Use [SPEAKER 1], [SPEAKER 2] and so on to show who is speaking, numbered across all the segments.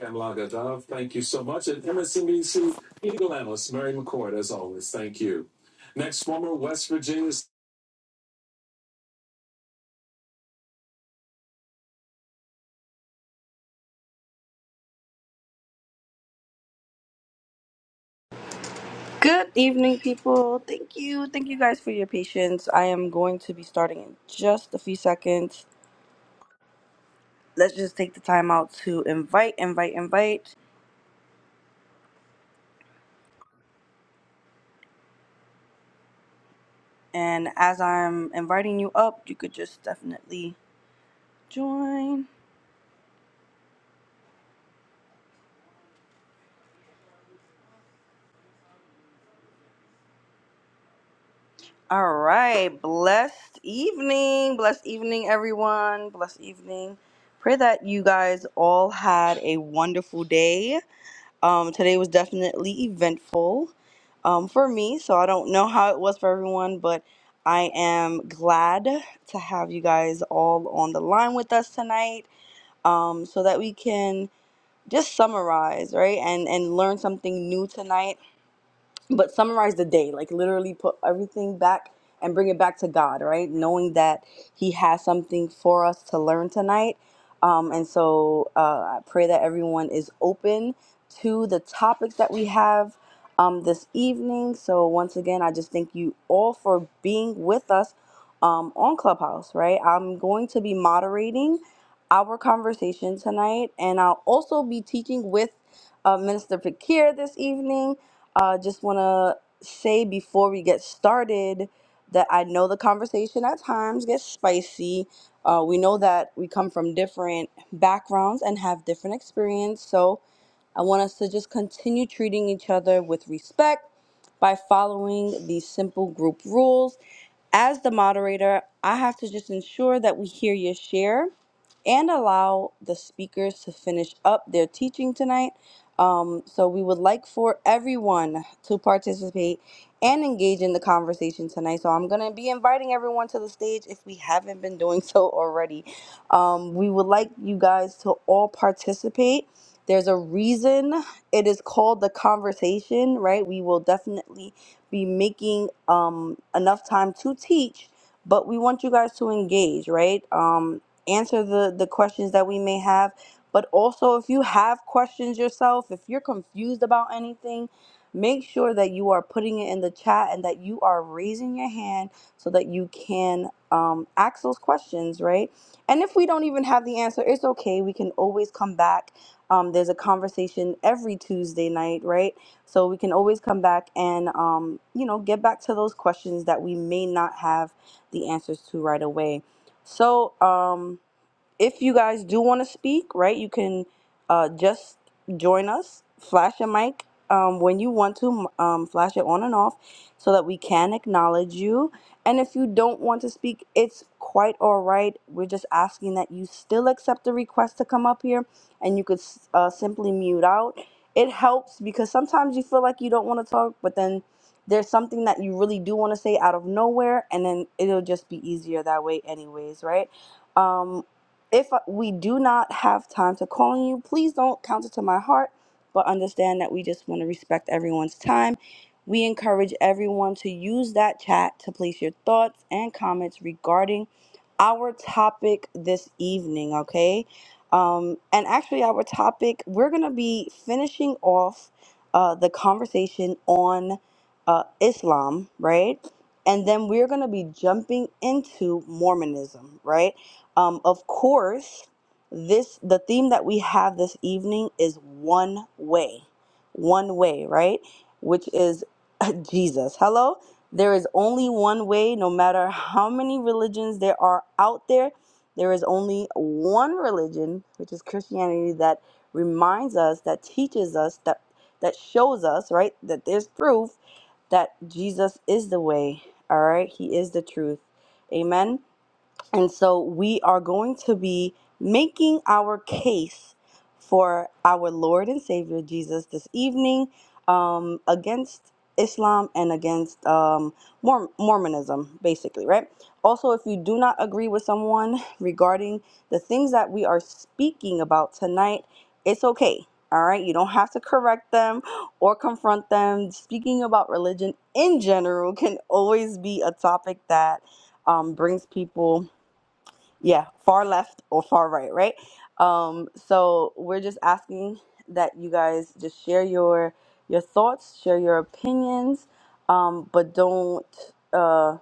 [SPEAKER 1] Kamalaga Dove, thank you so much. And MSNBC Eagle Analyst Mary McCord, as always, thank you. Next, former West Virginia
[SPEAKER 2] Good evening, people. Thank you. Thank you guys for your patience. I am going to be starting in just a few seconds. Let's just take the time out to invite, invite, invite. And as I'm inviting you up, you could just definitely join. All right. Blessed evening. Blessed evening, everyone. Blessed evening. Pray that you guys all had a wonderful day. Um, today was definitely eventful um, for me, so I don't know how it was for everyone, but I am glad to have you guys all on the line with us tonight um, so that we can just summarize, right? And, and learn something new tonight but summarize the day like literally put everything back and bring it back to god right knowing that he has something for us to learn tonight um, and so uh, i pray that everyone is open to the topics that we have um, this evening so once again i just thank you all for being with us um, on clubhouse right i'm going to be moderating our conversation tonight and i'll also be teaching with uh, minister pakir this evening uh, just want to say before we get started that I know the conversation at times gets spicy. Uh, we know that we come from different backgrounds and have different experience. So I want us to just continue treating each other with respect by following these simple group rules. As the moderator, I have to just ensure that we hear your share and allow the speakers to finish up their teaching tonight. Um, so, we would like for everyone to participate and engage in the conversation tonight. So, I'm going to be inviting everyone to the stage if we haven't been doing so already. Um, we would like you guys to all participate there's a reason it is called the conversation, right? We will definitely be making um, enough time to teach, but we want you guys to engage, right? Um, answer the, the questions that we may have. But also, if you have questions yourself, if you're confused about anything, make sure that you are putting it in the chat and that you are raising your hand so that you can um, ask those questions, right? And if we don't even have the answer, it's okay. We can always come back um, there's a conversation every Tuesday night, right? So we can always come back and, um, you know, get back to those questions that we may not have the answers to right away. So, um, if you guys do want to speak, right, you can uh, just join us, flash your mic um, when you want to, um, flash it on and off so that we can acknowledge you. And if you don't want to speak, it's quite all right. We're just asking that you still accept the request to come up here and you could s- uh, simply mute out. It helps because sometimes you feel like you don't want to talk, but then there's something that you really do want to say out of nowhere, and then it'll just be easier that way, anyways, right? Um, if we do not have time to call on you, please don't count it to my heart, but understand that we just want to respect everyone's time. We encourage everyone to use that chat to place your thoughts and comments regarding our topic this evening, okay? Um, and actually, our topic, we're going to be finishing off uh, the conversation on uh, Islam, right? And then we're going to be jumping into Mormonism, right? Um, of course, this the theme that we have this evening is one way, one way, right? Which is Jesus. Hello, there is only one way. No matter how many religions there are out there, there is only one religion, which is Christianity, that reminds us, that teaches us, that that shows us, right, that there's proof that Jesus is the way. All right, He is the truth. Amen. And so we are going to be making our case for our Lord and Savior Jesus this evening um, against Islam and against um, Morm- Mormonism, basically, right? Also, if you do not agree with someone regarding the things that we are speaking about tonight, it's okay. All right, you don't have to correct them or confront them. Speaking about religion in general can always be a topic that um, brings people yeah, far left or far right, right? Um, so we're just asking that you guys just share your your thoughts, share your opinions, um, but don't uh,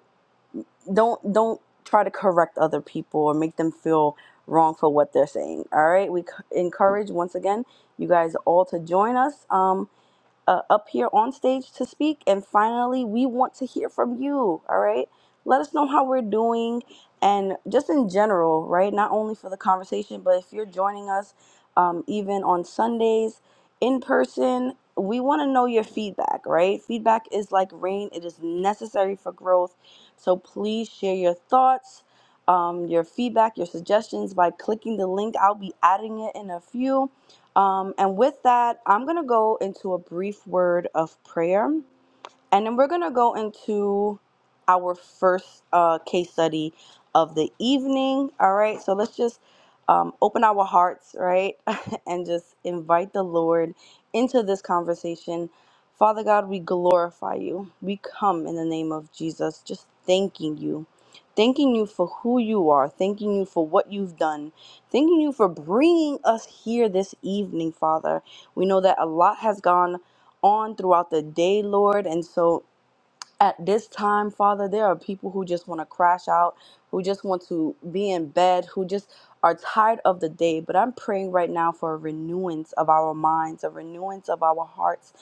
[SPEAKER 2] don't don't try to correct other people or make them feel wrong for what they're saying. All right, we c- encourage once again you guys all to join us. Um, uh, up here on stage to speak. And finally, we want to hear from you. All right. Let us know how we're doing and just in general, right? Not only for the conversation, but if you're joining us um, even on Sundays in person, we want to know your feedback, right? Feedback is like rain, it is necessary for growth. So please share your thoughts. Um, your feedback, your suggestions by clicking the link. I'll be adding it in a few. Um, and with that, I'm going to go into a brief word of prayer. And then we're going to go into our first uh, case study of the evening. All right. So let's just um, open our hearts, right? and just invite the Lord into this conversation. Father God, we glorify you. We come in the name of Jesus, just thanking you. Thanking you for who you are. Thanking you for what you've done. Thanking you for bringing us here this evening, Father. We know that a lot has gone on throughout the day, Lord. And so at this time, Father, there are people who just want to crash out, who just want to be in bed, who just are tired of the day. But I'm praying right now for a renewance of our minds, a renewance of our hearts,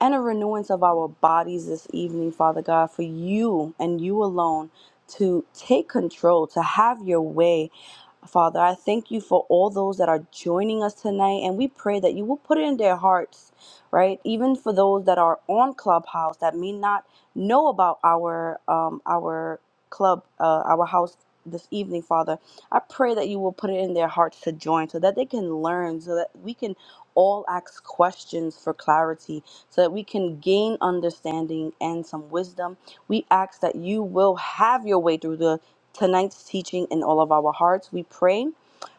[SPEAKER 2] and a renewance of our bodies this evening, Father God, for you and you alone to take control, to have your way Father, I thank you for all those that are joining us tonight, and we pray that you will put it in their hearts, right? Even for those that are on Clubhouse that may not know about our um, our club, uh, our house this evening, Father. I pray that you will put it in their hearts to join, so that they can learn, so that we can all ask questions for clarity, so that we can gain understanding and some wisdom. We ask that you will have your way through the tonight's teaching in all of our hearts. We pray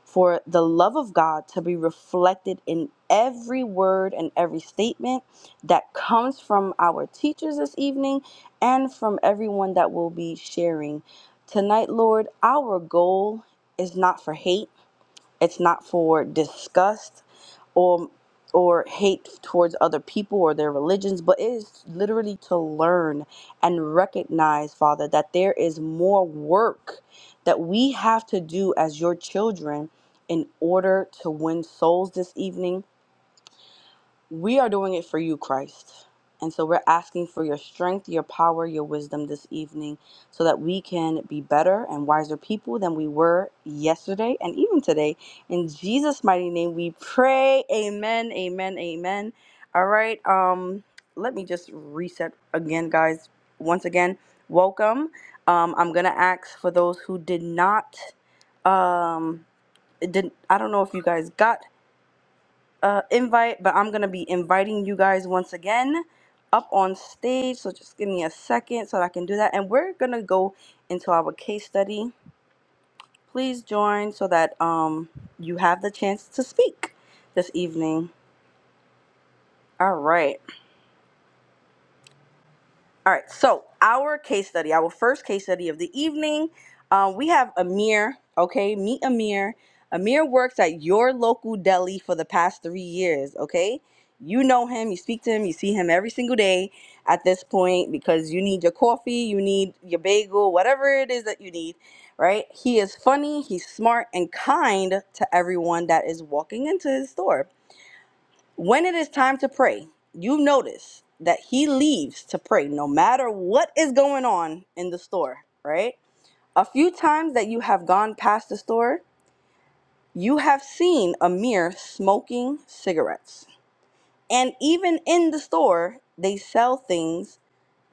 [SPEAKER 2] for the love of God to be reflected in every word and every statement that comes from our teachers this evening and from everyone that will be sharing. Tonight, Lord, our goal is not for hate, it's not for disgust or or hate towards other people or their religions, but it is literally to learn and recognize, Father, that there is more work that we have to do as your children in order to win souls this evening we are doing it for you, Christ. And so we're asking for your strength, your power, your wisdom this evening so that we can be better and wiser people than we were yesterday and even today. In Jesus' mighty name we pray. Amen. Amen. Amen. All right. Um let me just reset again, guys. Once again, welcome. Um I'm going to ask for those who did not um did not I don't know if you guys got uh, invite, but I'm gonna be inviting you guys once again up on stage. So just give me a second so that I can do that, and we're gonna go into our case study. Please join so that um you have the chance to speak this evening. All right. All right, so our case study, our first case study of the evening, uh, we have Amir. Okay, meet Amir. Amir works at your local deli for the past three years. Okay, you know him, you speak to him, you see him every single day at this point because you need your coffee, you need your bagel, whatever it is that you need, right? He is funny, he's smart, and kind to everyone that is walking into his store. When it is time to pray, you notice that he leaves to pray no matter what is going on in the store, right? A few times that you have gone past the store, you have seen Amir smoking cigarettes. And even in the store, they sell things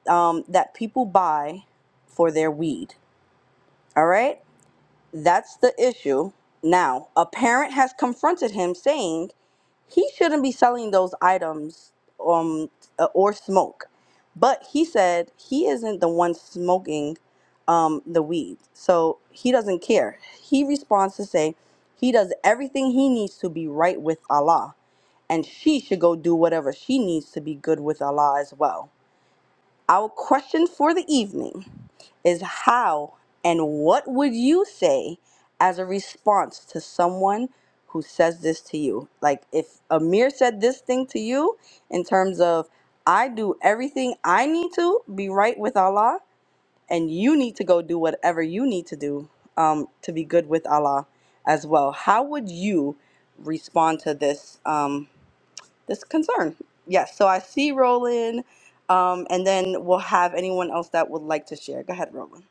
[SPEAKER 2] um, that people buy for their weed, all right? That's the issue. Now, a parent has confronted him saying he shouldn't be selling those items um uh, or smoke. But he said he isn't the one smoking um the weed. So he doesn't care. He responds to say he does everything he needs to be right with Allah and she should go do whatever she needs to be good with Allah as well. Our question for the evening is how and what would you say as a response to someone who says this to you? Like if Amir said this thing to you in terms of I do everything I need to be right with Allah and you need to go do whatever you need to do um, to be good with Allah as well. How would you respond to this? Um, this concern. Yes, so I see Roland, um, and then we'll have anyone else that would like to share. Go ahead, Roland.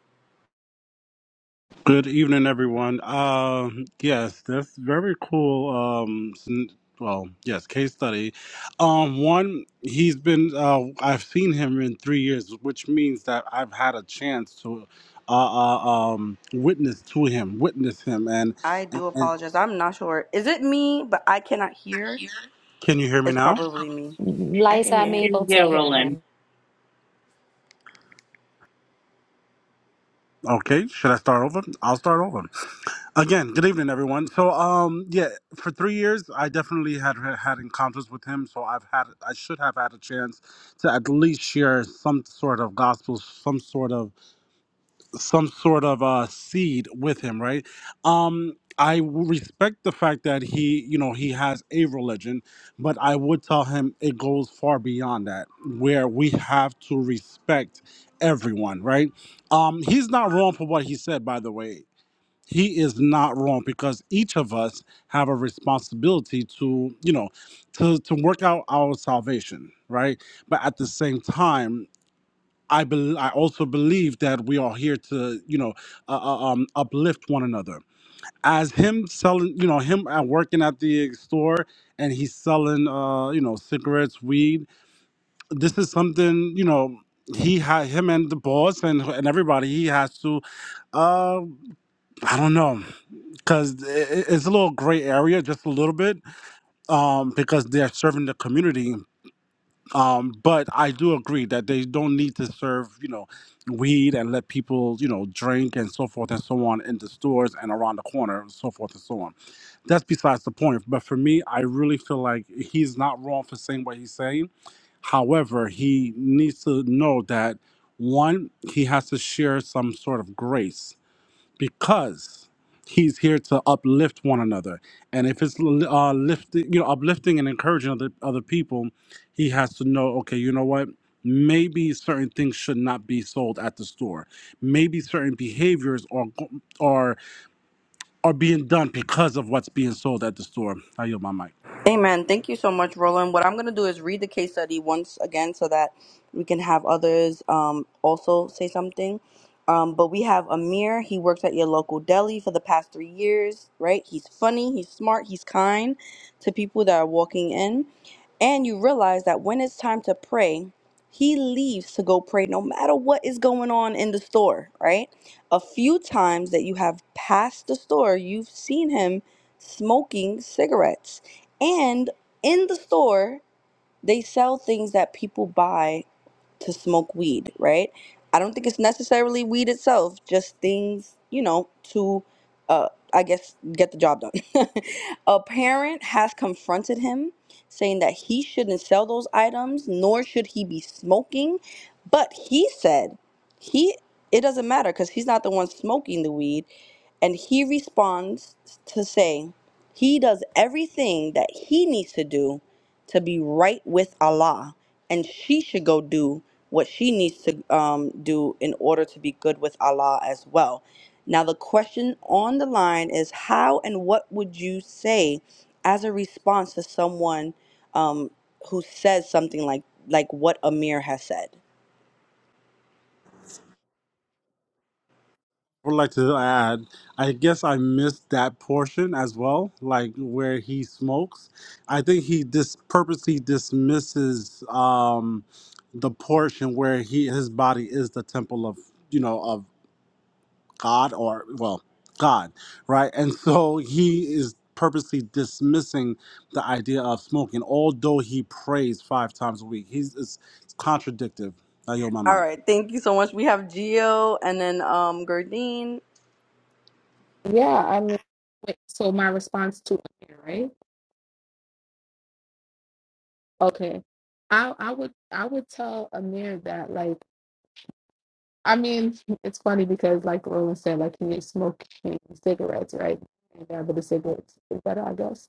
[SPEAKER 3] Good evening, everyone. Uh, yes, that's very cool. Um, s- well, yes, case study. Um, one, he's been. Uh, I've seen him in three years, which means that I've had a chance to uh, uh, um, witness to him, witness him, and,
[SPEAKER 2] I do
[SPEAKER 3] and.
[SPEAKER 2] apologize. I'm not sure. Is it me, but I cannot hear?
[SPEAKER 3] Can you hear me
[SPEAKER 2] It's
[SPEAKER 3] now?
[SPEAKER 2] probably me.
[SPEAKER 4] I can
[SPEAKER 5] Liza,
[SPEAKER 4] hear
[SPEAKER 5] I'm
[SPEAKER 4] him.
[SPEAKER 5] able
[SPEAKER 6] And
[SPEAKER 5] to hear him.
[SPEAKER 6] Geraldine.
[SPEAKER 3] Okay. Should I start over? I'll start over. Again, good evening, everyone. So, um, yeah, for three years, I definitely had had encounters with him. So I've had, I should have had a chance to at least share some sort of gospel, some sort of, some sort of uh, seed with him, right? Um, I w- respect the fact that he, you know, he has a religion, but I would tell him it goes far beyond that, where we have to respect everyone, right? Um, he's not wrong for what he said, by the way he is not wrong because each of us have a responsibility to you know to to work out our salvation right but at the same time i bel i also believe that we are here to you know uh, uh, um uplift one another as him selling you know him at working at the store and he's selling uh you know cigarettes weed this is something you know he had him and the boss and, and everybody he has to uh i don't know because it's a little gray area, just a little bit, um, because they're serving the community. Um, but I do agree that they don't need to serve, you know, weed and let people, you know, drink and so forth and so on in the stores and around the corner and so forth and so on. That's besides the point. But for me, I really feel like he's not wrong for saying what he's saying. However, he needs to know that one, he has to share some sort of grace because he's here to uplift one another and if it's uh, lifting you know uplifting and encouraging other other people he has to know okay you know what maybe certain things should not be sold at the store maybe certain behaviors are go- are are being done because of what's being sold at the store i yield my mic
[SPEAKER 2] Amen. Thank you so much, Roland. What I'm going to do is read the case study once again so that we can have others um, also say something. Um, but we have Amir. He works at your local deli for the past three years, right? He's funny, he's smart, he's kind to people that are walking in. And you realize that when it's time to pray, he leaves to go pray no matter what is going on in the store, right? A few times that you have passed the store, you've seen him smoking cigarettes. And in the store, they sell things that people buy to smoke weed, right? I don't think it's necessarily weed itself, just things, you know, to, uh, I guess, get the job done. a parent has confronted him saying that he shouldn't sell those items, nor should he be smoking. But he said he it doesn't matter because he's not the one smoking the weed. And he responds to say he does everything that he needs to do to be right with Allah and she should go do what she needs to um, do in order to be good with Allah as well. Now, the question on the line is how and what would you say as a response to someone um, who says something like like what Amir has said?
[SPEAKER 3] would like to add, I guess I missed that portion as well, like where he smokes. I think he dis- purposely dismisses um, the portion where he his body is the temple of you know of God or well God, right? And so he is purposely dismissing the idea of smoking, although he prays five times a week. He's it's, it's contradictive. I yield my
[SPEAKER 2] All
[SPEAKER 3] mic.
[SPEAKER 2] right, thank you so much. We have Gio and then um, Gurdine.
[SPEAKER 7] Yeah, I mean, wait, so my response to Amir, right? Okay. I I would I would tell Amir that like I mean, it's funny because like Roland said, like he is smoking cigarettes, right? And that but the cigarettes is better, I guess.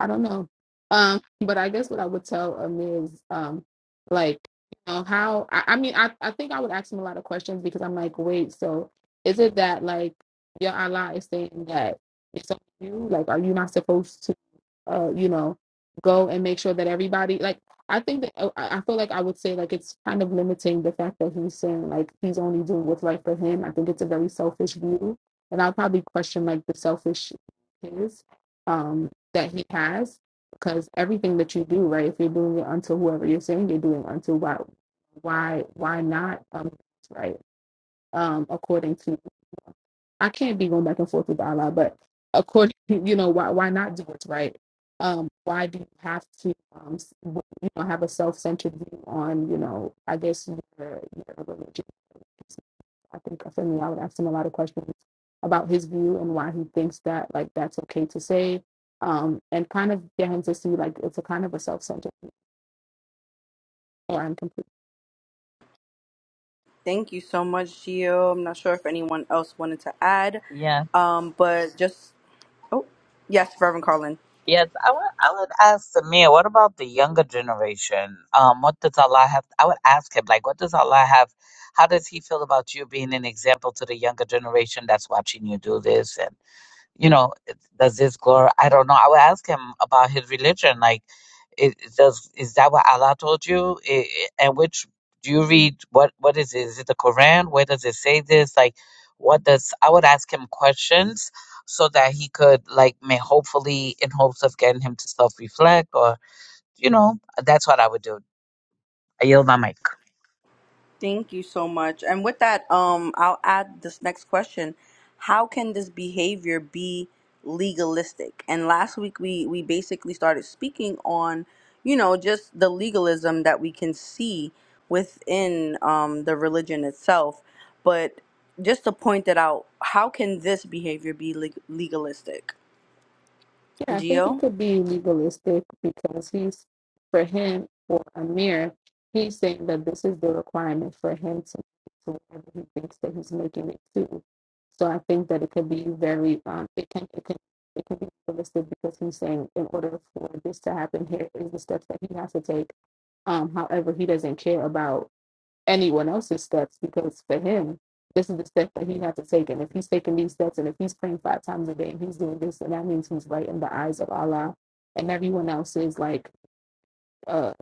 [SPEAKER 7] I don't know. Um, but I guess what I would tell Amir is um like, you know, how I, I mean I, I think I would ask him a lot of questions because I'm like, wait, so is it that like your Allah is saying that it's on you? Like, are you not supposed to? uh, you know, go and make sure that everybody like I think that uh, I I feel like I would say like it's kind of limiting the fact that he's saying like he's only doing what's right for him. I think it's a very selfish view, and I'll probably question like the selfish is um, that he has because everything that you do, right? If you're doing it unto whoever you're saying you're doing unto, why, why, why not? Um, right? Um, according to I can't be going back and forth with Allah, but according, you know, why why not do what's right? Um, why do you have to, um, you know, have a self-centered view on, you know, I guess your, your religion? I think for me, I would ask him a lot of questions about his view and why he thinks that like that's okay to say, um, and kind of get him to see like it's a kind of a self-centered. or I'm
[SPEAKER 2] Thank you so much, Gio. I'm not sure if anyone else wanted to add,
[SPEAKER 6] Yes,
[SPEAKER 2] um, but just oh yes, Reverend Carlin.
[SPEAKER 6] yes. I would, I would ask Samir, what about the younger generation? Um, what does Allah have? I would ask him, like, what does Allah have? How does he feel about you being an example to the younger generation that's watching you do this? you know, does this glorify? I don't know. I would ask him about his religion. Like, it, it does is that what Allah told you? I i and which do you read? What what is it? Is it the Quran? Where does it say this? Like, what does? I would ask him questions so that he could like, may hopefully in hopes of getting him to self reflect or you know, that's what I would do. I yield my mic.
[SPEAKER 2] Thank you so much. And with that, um, I'll add this next question: How can this behavior be legalistic? And last week we we basically started speaking on, you know, just the legalism that we can see within um, the religion itself. But just to point that out, how can this behavior be leg- legalistic?
[SPEAKER 7] Yeah, I think it
[SPEAKER 2] Geo.
[SPEAKER 7] could be legalistic because he's, for him, or Amir, he's saying that this is the requirement for him to, to whatever he thinks that he's making it to. So I think that it could be very, um, it can, it can, it can be legalistic because he's saying in order for this to happen, here is the steps that he has to take. Um, however, he doesn't care about anyone else's steps because for him, this is the step that he had to take. And if he's taking these steps and if he's praying five times a day and he's doing this, then that means he's right in the eyes of Allah. And everyone else is like, uh,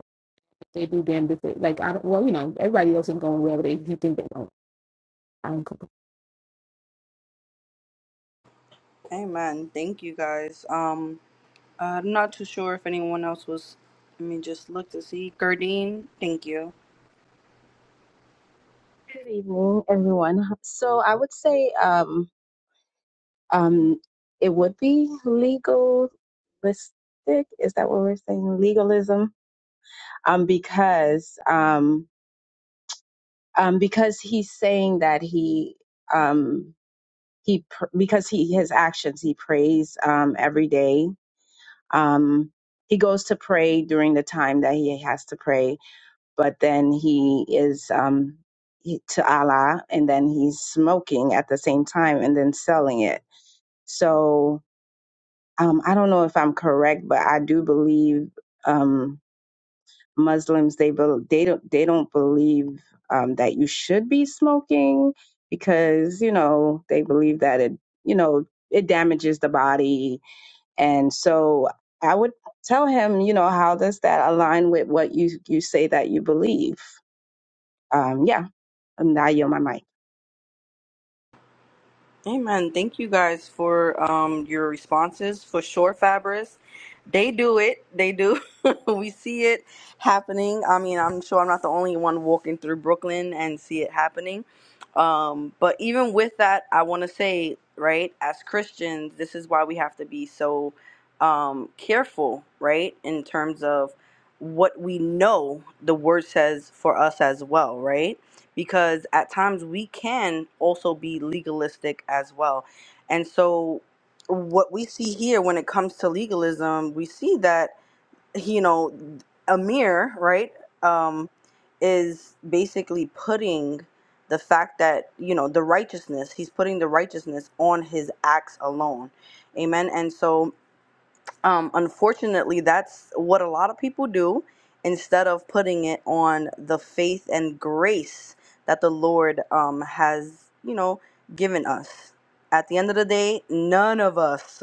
[SPEAKER 7] they do damn different. Like, I don't, well, you know, everybody else is going wherever they you think they don't. I don't
[SPEAKER 2] Amen. Thank you guys. Um, Uh, I'm not too sure if anyone else was. Let me just look to see. Gardine, thank you.
[SPEAKER 8] Good evening, everyone. So I would say um, um, it would be legalistic. Is that what we're saying? Legalism, um, because um, um, because he's saying that he um, he pr- because he his actions he prays um, every day. Um, he goes to pray during the time that he has to pray but then he is um, he, to Allah, and then he's smoking at the same time and then selling it. So um, I don't know if I'm correct, but I do believe um, Muslims they bel they don't they don't believe um, that you should be smoking because you know they believe that it you know it damages the body, and so I would tell him you know how does that align with what you you say that you believe. Um, yeah, Um, Now I yield my mic.
[SPEAKER 2] Amen. Thank you guys for um, your responses. For sure, Fabris, they do it. They do. we see it happening. I mean, I'm sure I'm not the only one walking through Brooklyn and see it happening. Um, but even with that, I want to say, right, as Christians, this is why we have to be so um, careful, right, in terms of what we know the word says for us as well, right? because at times we can also be legalistic as well. And so, what we see here when it comes to legalism, we see that, you know, Amir, right, um, is basically putting the fact that, you know, the righteousness, he's putting the righteousness on his acts alone. Amen. And so, um, unfortunately, that's what a lot of people do instead of putting it on the faith and grace that the Lord um, has, you know, given us. At the end of the day, none of us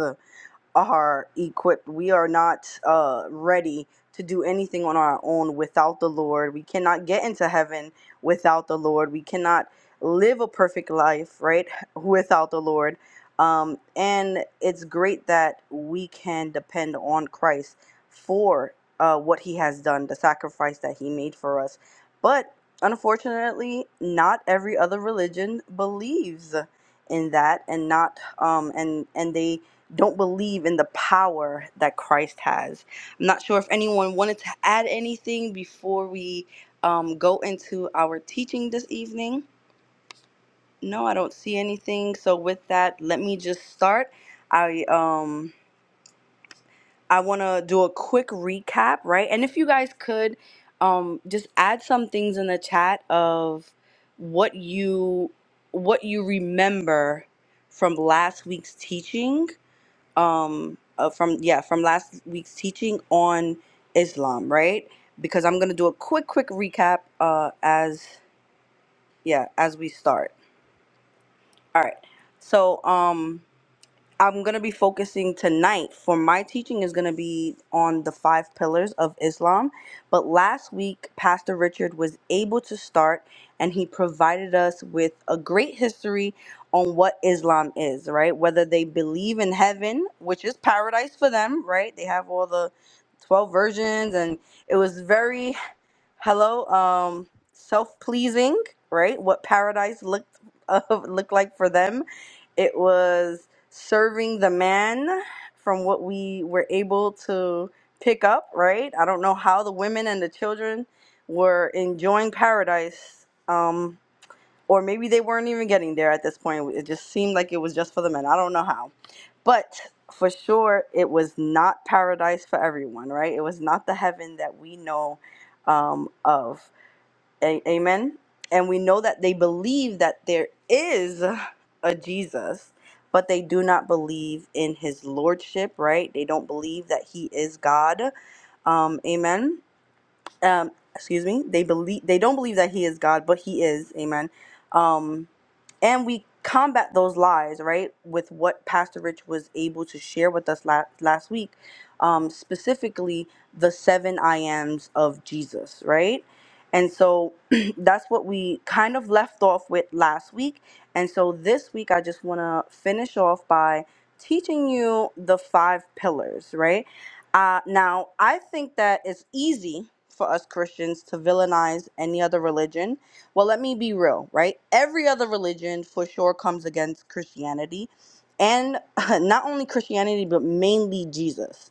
[SPEAKER 2] are equipped. We are not uh, ready to do anything on our own without the Lord. We cannot get into heaven without the Lord. We cannot live a perfect life, right, without the Lord. Um, and it's great that we can depend on Christ for uh, what he has done, the sacrifice that he made for us. But unfortunately, not every other religion believes in that and not um and and they don't believe in the power that Christ has. I'm not sure if anyone wanted to add anything before we um, go into our teaching this evening. No, I don't see anything. So with that, let me just start. I um I want to do a quick recap, right? And if you guys could um just add some things in the chat of what you what you remember from last week's teaching um uh, from yeah from last week's teaching on Islam, right? Because I'm gonna do a quick quick recap uh as yeah as we start. All right, so um. I'm gonna be focusing tonight for my teaching is gonna be on the five pillars of Islam. But last week, Pastor Richard was able to start and he provided us with a great history on what Islam is, right? Whether they believe in heaven, which is paradise for them, right? They have all the 12 versions and it was very hello um self-pleasing right what paradise looked uh, looked like for them it was serving the man from what we were able to pick up right i don't know how the women and the children were enjoying paradise um or maybe they weren't even getting there at this point it just seemed like it was just for the men i don't know how but for sure it was not paradise for everyone right it was not the heaven that we know um, of. A- Amen. And we know that they believe that there is a Jesus, but they do not believe in his lordship, right? They don't believe that he is God. Um, amen um excuse me they believe they don't believe that he is god but he is amen um and we combat those lies right with what pastor rich was able to share with us last last week um specifically the seven i ams of jesus right and so that's what we kind of left off with last week and so this week i just want to finish off by teaching you the five pillars right uh, now, I think that it's easy for us Christians to villainize any other religion. Well, let me be real, right? Every other religion for sure comes against Christianity, and not only Christianity, but mainly Jesus.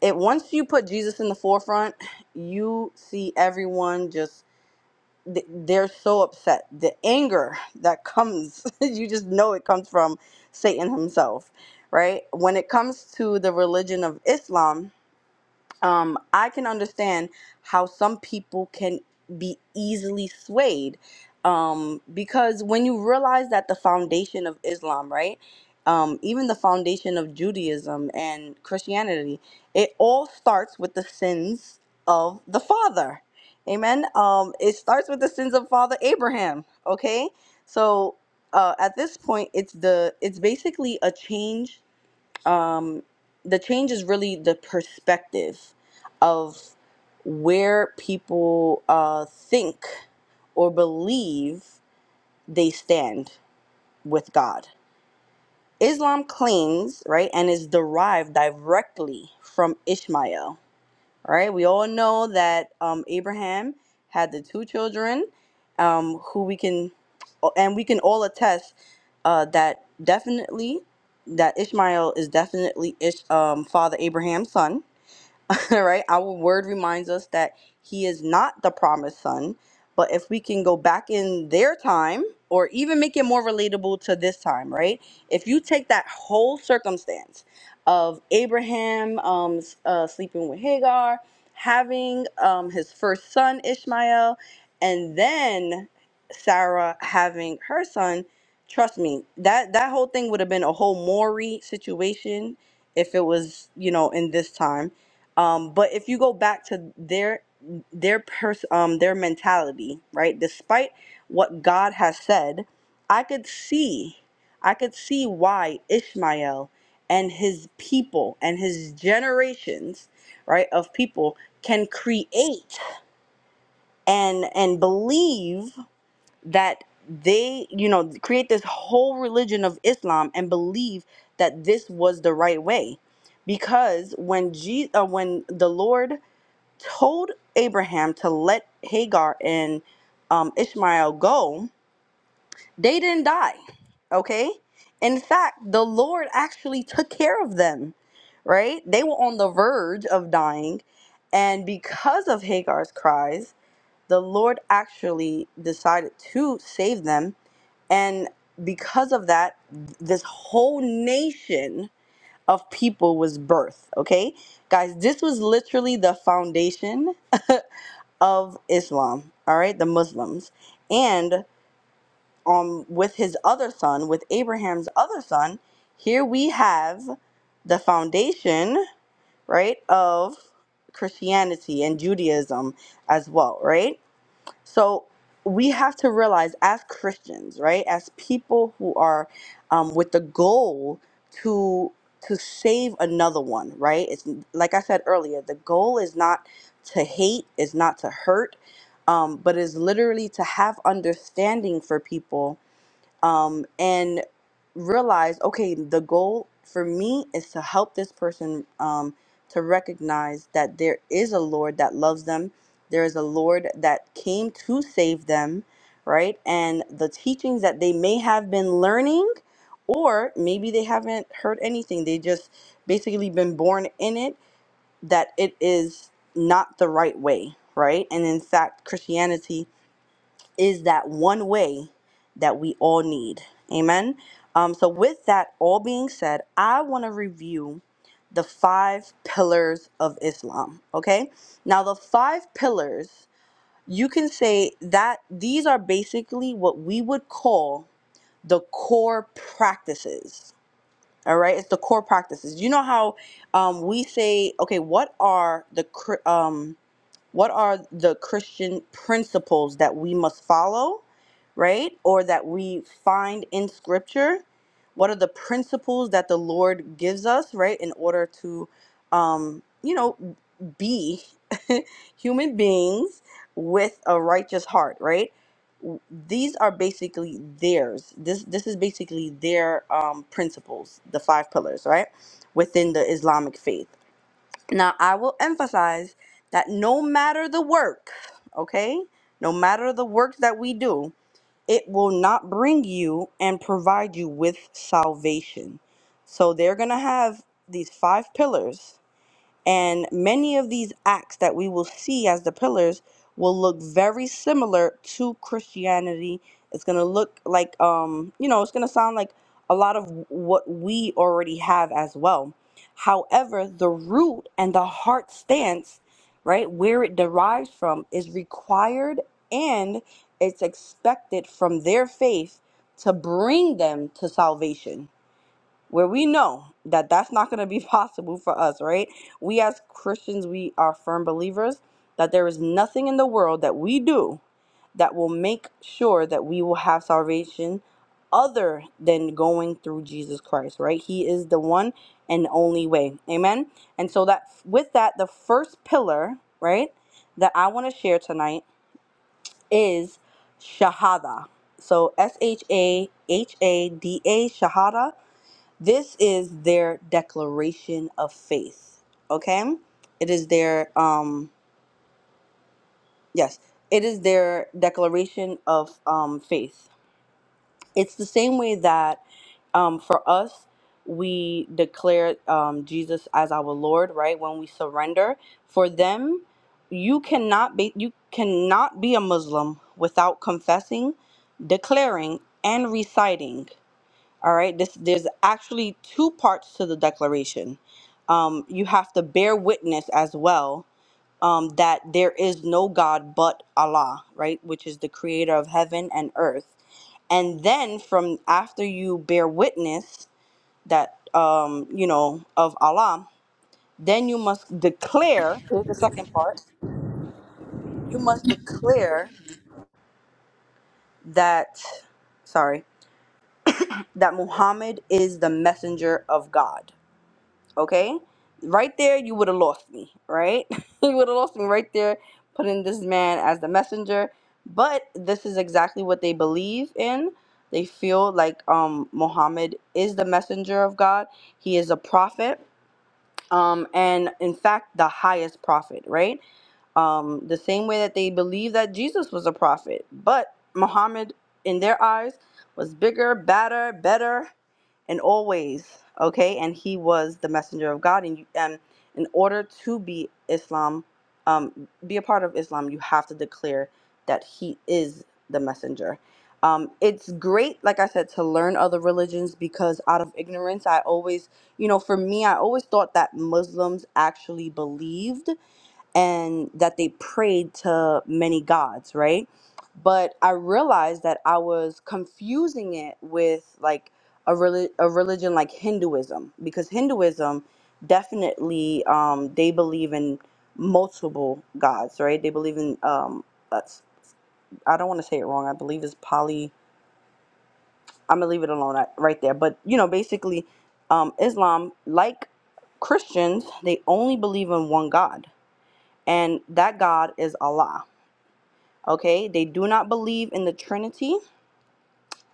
[SPEAKER 2] It once you put Jesus in the forefront, you see everyone just th- they're so upset. The anger that comes, you just know it comes from Satan himself, right? When it comes to the religion of Islam, um, I can understand how some people can be easily swayed um, because when you realize that the foundation of Islam, right, um, even the foundation of Judaism and Christianity, it all starts with the sins of the father. Amen. Um, it starts with the sins of Father Abraham. Okay, so uh, at this point, it's the it's basically a change um, the change is really the perspective of where people uh, think or believe they stand with God. Islam claims, right, and is derived directly from Ishmael all right? We all know that um, Abraham had the two children, um, who we can, and we can all attest uh, that definitely that Ishmael is definitely Ish, um, Father Abraham's son, right? Our word reminds us that he is not the promised son. But if we can go back in their time or even make it more relatable to this time, right? If you take that whole circumstance of Abraham um, s- uh, sleeping with Hagar, having um, his first son, Ishmael, and then Sarah having her son, trust me, that, that whole thing would have been a whole Maury situation if it was, you know, in this time um, but if you go back to their their pers- um their mentality, right? Despite what God has said, I could see I could see why Ishmael and his people and his generations, right, of people can create and and believe that they, you know, create this whole religion of Islam and believe that this was the right way. Because when Je- uh, when the Lord told Abraham to let Hagar and um, Ishmael go, they didn't die. Okay? In fact, the Lord actually took care of them, right? They were on the verge of dying. And because of Hagar's cries, the Lord actually decided to save them. And because of that, this whole nation of people was birthed. Okay? Guys, this was literally the foundation of Islam, all right, the Muslims. And um, with his other son, with Abraham's other son, here we have the foundation, right, of Christianity and Judaism as well, right? So we have to realize, as Christians, right, as people who are um, with the goal to to save another one, right? It's like I said earlier, the goal is not to hate, is not to hurt, um, but is literally to have understanding for people um, and realize okay the goal for me is to help this person um, to recognize that there is a lord that loves them there is a lord that came to save them right and the teachings that they may have been learning or maybe they haven't heard anything they just basically been born in it that it is not the right way right and in fact christianity is that one way that we all need. Amen. Um, so, with that all being said, I want to review the five pillars of Islam. Okay. Now, the five pillars, you can say that these are basically what we would call the core practices. All right. It's the core practices. You know how um, we say, okay, what are the cr- um, what are the Christian principles that we must follow, right? Or that we find in scripture? What are the principles that the Lord gives us, right, in order to um, you know, be human beings with a righteous heart, right? W- These are basically theirs. This this is basically their um, principles, the five pillars, right, within the Islamic faith now, I will emphasize that no matter the work, okay, no matter the works that we do, it will not bring you and provide you with salvation. So they're going to have these five pillars and many of these acts that we will see as the pillars will look very similar to Christianity. It's going to look like, um, you know, it's going to sound like a lot of what we already have as well. However, the root and the heart stance, right, where it derives from, is required and it's expected from their faith to bring them to salvation where we know that that's not going to be possible for us, right? We as Christians, we are firm believers that there is nothing in the world that we do that will make sure that we will have salvation other than going through Jesus Christ, right? He is the one and only way. Amen. And so that with that the first pillar, right, that I want to share tonight is shahada. So S H A H A D A shahada this is their declaration of faith. Okay? It is their um yes, it is their declaration of um faith. It's the same way that um for us we declare um Jesus as our Lord, right? When we surrender, for them you cannot be you cannot be a Muslim without confessing, declaring and reciting all right, this there's actually two parts to the declaration. Um, you have to bear witness as well um, that there is no God but Allah, right, which is the creator of heaven and earth. And then from after you bear witness that um, you know of Allah, then you must declare. Here's the second part. You must declare that, sorry, that Muhammad is the messenger of God okay? Right there, you would have lost me, right? you would have lost me right there, putting this man as the messenger. But this is exactly what they believe in. They feel like um, Muhammad is the messenger of God. He is a prophet, um, and in fact, the highest prophet, right? um, the same way that they believe that Jesus was a prophet. But Muhammad, in their eyes, was bigger, badder, better in all ways. Okay, and he was the messenger of God. And you, and in order to be Islam, um, be a part of Islam, you have to declare that he is the messenger. Um, it's great, like I said, to learn other religions because out of ignorance, I always, you know, for me, I always thought that Muslims actually believed and that they prayed to many gods, right? But I realized that I was confusing it with like a, reli- a religion like Hinduism, because Hinduism definitely um, they believe in multiple gods, right? They believe in um, that's, I don't want to say it wrong. I believe it's poly. I'm gonna leave it alone at- right there. But you know, basically, um, Islam, like Christians, they only believe in one God, and that God is Allah Okay, they do not believe in the Trinity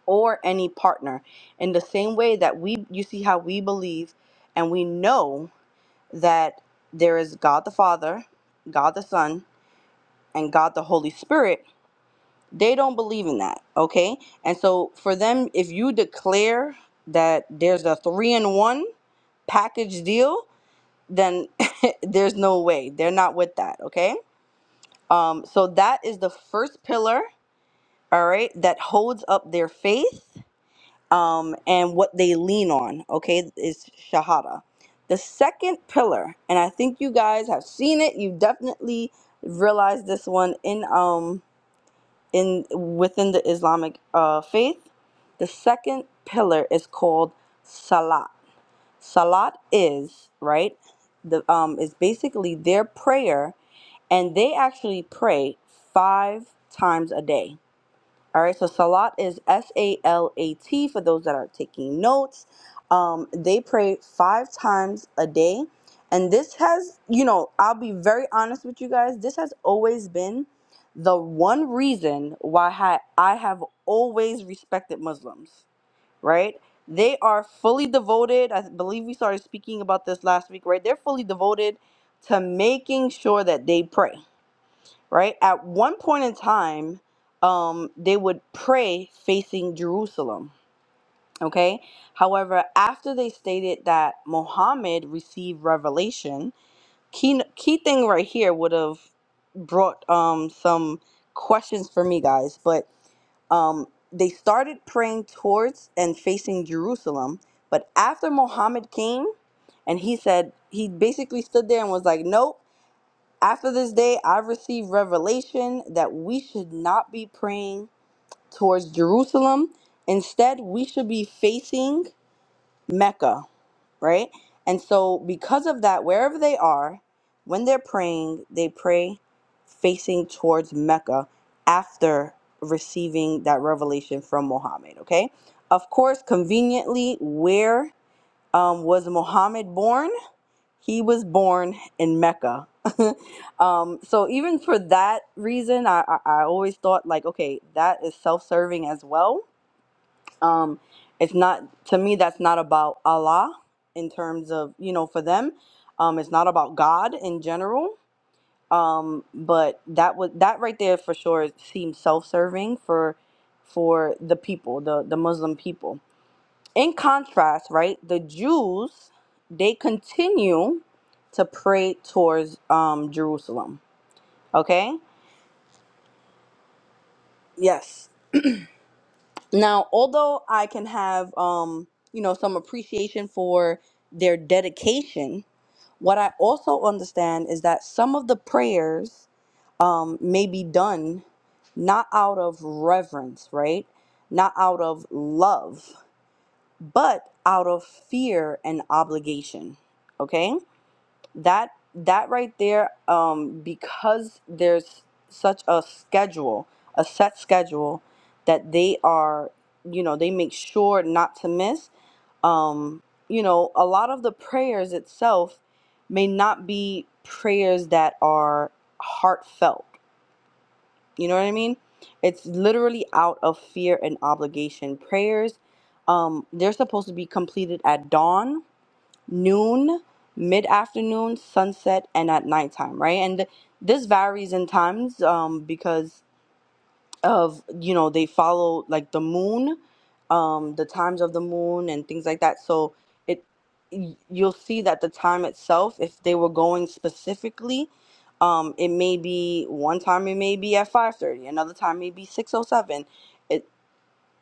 [SPEAKER 2] or any partner. In the same way that we, you see how we believe and we know that there is God the Father, God the Son, and God the Holy Spirit, they don't believe in that. Okay, and so for them, if you declare that there's a three in one package deal, then there's no way they're not with that. Okay, um, so that is the first pillar all right, that holds up their faith. um, and what they lean on, okay, is Shahada. The second pillar, and I think you guys have seen it, you definitely realized this one in um in within the Islamic uh, faith. The second pillar is called Salat. Salat is, right, the um is basically their prayer and they actually pray five times a day all right, so Salat is S A L A T for those that are taking notes. Um, they pray five times a day. And this has, you know, I'll be very honest with you guys, this has always been the one reason why I I have always respected Muslims, right? They are fully devoted. I believe we started speaking about this last week, right? They're fully devoted to making sure that they pray right? At one point in time, um, they would pray facing Jerusalem, okay? However, after they stated that Muhammad received revelation, key, key thing right here would have brought um, some questions for me guys, but um, they started praying towards and facing Jerusalem. But after Muhammad came and he said, he basically stood there and was like, nope after this day, I received revelation that we should not be praying towards Jerusalem. Instead, we should be facing Mecca, right? And so, because of that, wherever they are, when they're praying, they pray facing towards Mecca after receiving that revelation from Muhammad, okay? Of course, conveniently, where um, was Muhammad born? He was born in Mecca. um, so even for that reason, I, I, I always thought like, okay, that is self-serving as well. Um, it's not to me. That's not about Allah in terms of you know for them. Um, it's not about God in general. Um, but that was that right there for sure seems self-serving for for the people, the the Muslim people. In contrast, right, the Jews they continue to pray towards um, Jerusalem. Okay. Yes. Now, although I can have um, you know some appreciation for their dedication, what I also understand is that some of the prayers um, may be done not out of reverence, right? Not out of love, but out of fear and obligation. Okay that that right there um because there's such a schedule a set schedule that they are you know they make sure not to miss um you know a lot of the prayers itself may not be prayers that are heartfelt you know what i mean it's literally out of fear and obligation prayers um they're supposed to be completed at dawn noon, mid afternoon, sunset, and at nighttime, right? And this varies in times um, because of, you know, they follow like the moon, um, the times of the moon, and things like that. So it y- you'll see that the time itself, if they were going specifically, um, it may be one time it may be at 5:30, another time maybe 6:07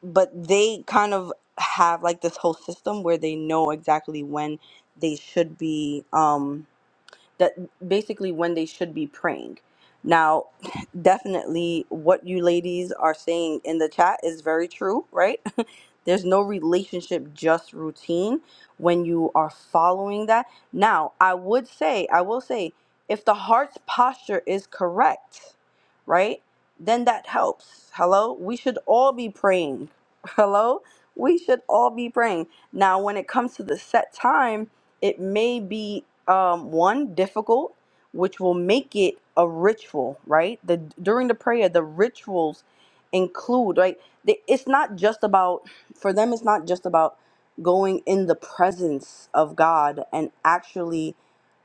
[SPEAKER 2] but they kind of have like this whole system where they know exactly when they should be. Um, that basically when they should be praying. Now, definitely what you ladies are saying in the chat is very true, right? There's no relationship, just routine when you are following that. Now, I would say, I will say, if the heart's posture is correct, right, then that helps. Hello? We should all be praying. Hello? We should all be praying. Now, when it comes to the set time, it may be um, one difficult which will make it a ritual right the during the prayer the rituals include right they, it's not just about for them it's not just about going in the presence of god and actually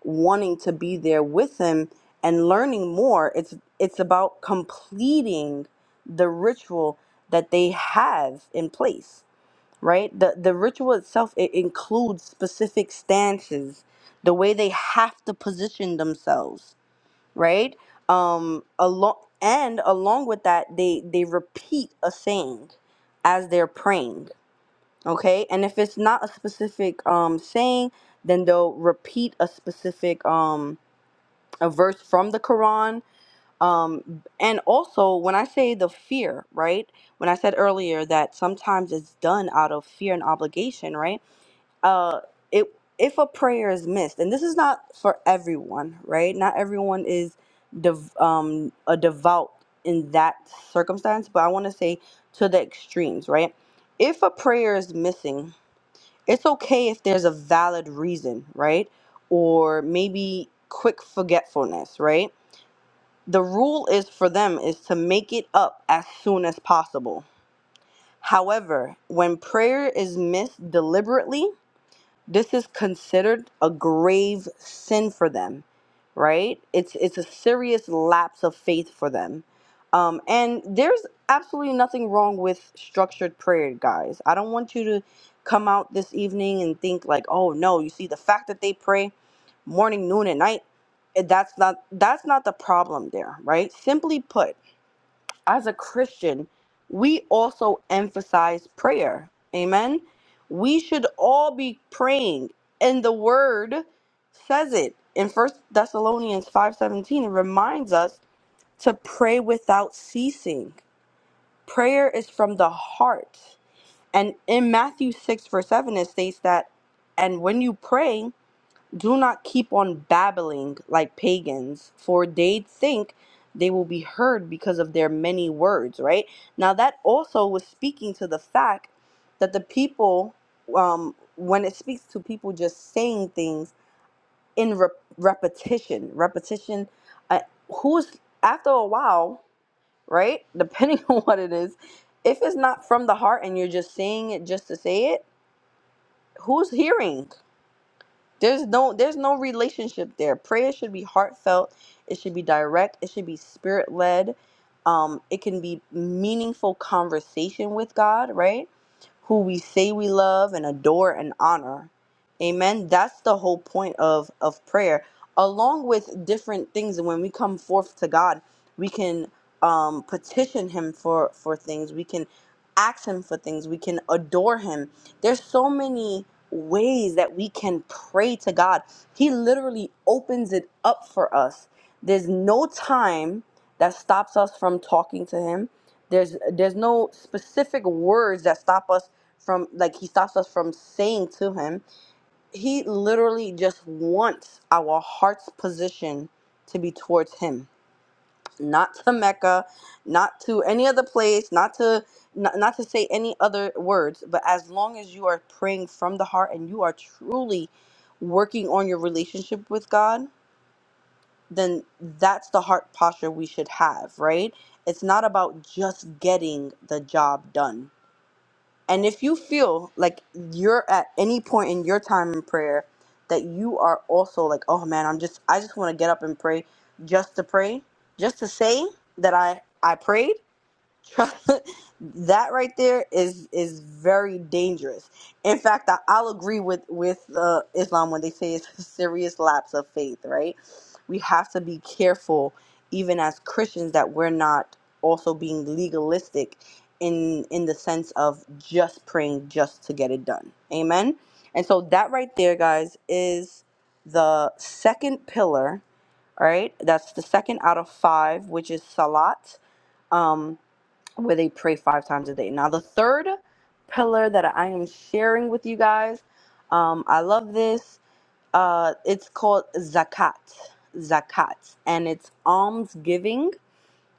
[SPEAKER 2] wanting to be there with him and learning more it's it's about completing the ritual that they have in place right? The the ritual itself it includes specific stances, the way they have to position themselves, right? Um along and along with that they they repeat a saying as they're praying, okay? And if it's not a specific um saying, then they'll repeat a specific um a verse from the Quran um and also when I say the fear, right? When I said earlier that sometimes it's done out of fear and obligation, right? uh it if a prayer is missed and this is not for everyone right not everyone is dev, um a devout in that circumstance but i want to say to the extremes right if a prayer is missing it's okay if there's a valid reason right or maybe quick forgetfulness right the rule is for them is to make it up as soon as possible however when prayer is missed deliberately this is considered a grave sin for them right it's it's a serious lapse of faith for them um and there's absolutely nothing wrong with structured prayer guys i don't want you to come out this evening and think like oh no you see the fact that they pray morning noon and night eh, that's not that's not the problem there right simply put as a Christian, we also emphasize prayer. Amen. We should all be praying, and the word says it in First Thessalonians 5:17. It reminds us to pray without ceasing. Prayer is from the heart. And in Matthew 6 verse 7, it states that, and when you pray, do not keep on babbling like pagans, for they think they will be heard because of their many words, right? Now, that also was speaking to the fact that the people, um, when it speaks to people just saying things in rep- repetition, repetition, uh, who's after a while, right? Depending on what it is, if it's not from the heart and you're just saying it just to say it, who's hearing? There's no there's no relationship there. Prayer should be heartfelt. It should be direct. It should be spirit led. Um, it can be meaningful conversation with God, right? Who we say we love and adore and honor. Amen. That's the whole point of of prayer, along with different things. And when we come forth to God, we can um, petition Him for for things. We can ask Him for things. We can adore Him. There's so many ways that we can pray to God. He literally opens it up for us. There's no time that stops us from talking to him. There's there's no specific words that stop us from like he stops us from saying to him. He literally just wants our heart's position to be towards him not to Mecca, not to any other place, not to not, not to say any other words, but as long as you are praying from the heart and you are truly working on your relationship with God, then that's the heart posture we should have, right? It's not about just getting the job done and if you feel like you're at any point in your time in prayer that you are also like, oh man, I'm just I just want to get up and pray just to pray, just to say that I I prayed, Trust- that right there is is very dangerous. In fact, I, I'll agree with with uh, Islam when they say it's a serious lapse of faith. Right? We have to be careful, even as Christians, that we're not also being legalistic in in the sense of just praying just to get it done. Amen. And so that right there, guys, is the second pillar. All right, that's the second out of five, which is salat. Um, where they pray five times a day. Now, the third pillar that I am sharing with you guys, um, I love this. Uh, it's called zakat, zakat, and it's alms giving.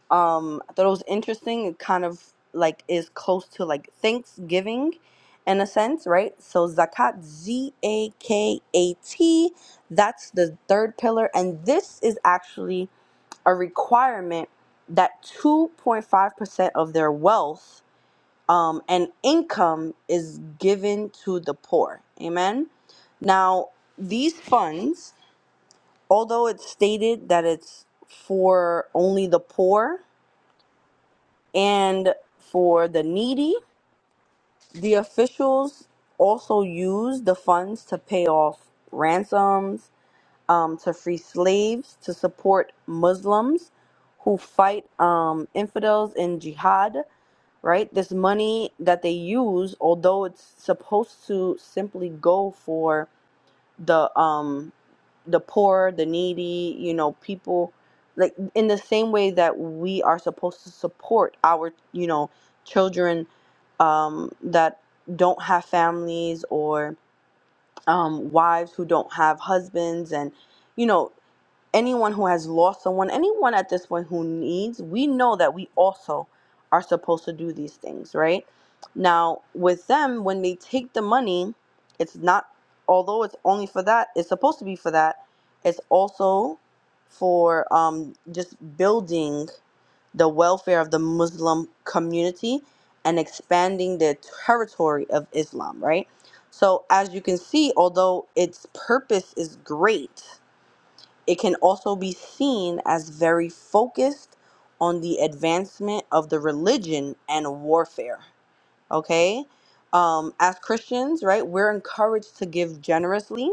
[SPEAKER 2] Um, I thought it was interesting. It kind of like is close to like Thanksgiving, in a sense, right? So zakat, Z A K A T. That's the third pillar, and this is actually a requirement that 2.5% of their wealth um, and income is given to the poor. Amen. Now, these funds, although it's stated that it's for only the poor and for the needy, the officials also use the funds to pay off ransoms, um, to free slaves, to support Muslims who fight um, infidels in jihad, right? This money that they use, although it's supposed to simply go for the um the poor, the needy, you know, people like in the same way that we are supposed to support our, you know, children um that don't have families or um wives who don't have husbands and you know anyone who has lost someone, anyone at this point who needs, we know that we also are supposed to do these things, right? Now, with them, when they take the money, it's not, although it's only for that, it's supposed to be for that, it's also for um, just building the welfare of the Muslim community and expanding the territory of Islam, right? So, as you can see, although its purpose is great, it can also be seen as very focused on the advancement of the religion and warfare. Okay? Um, as Christians, right, we're encouraged to give generously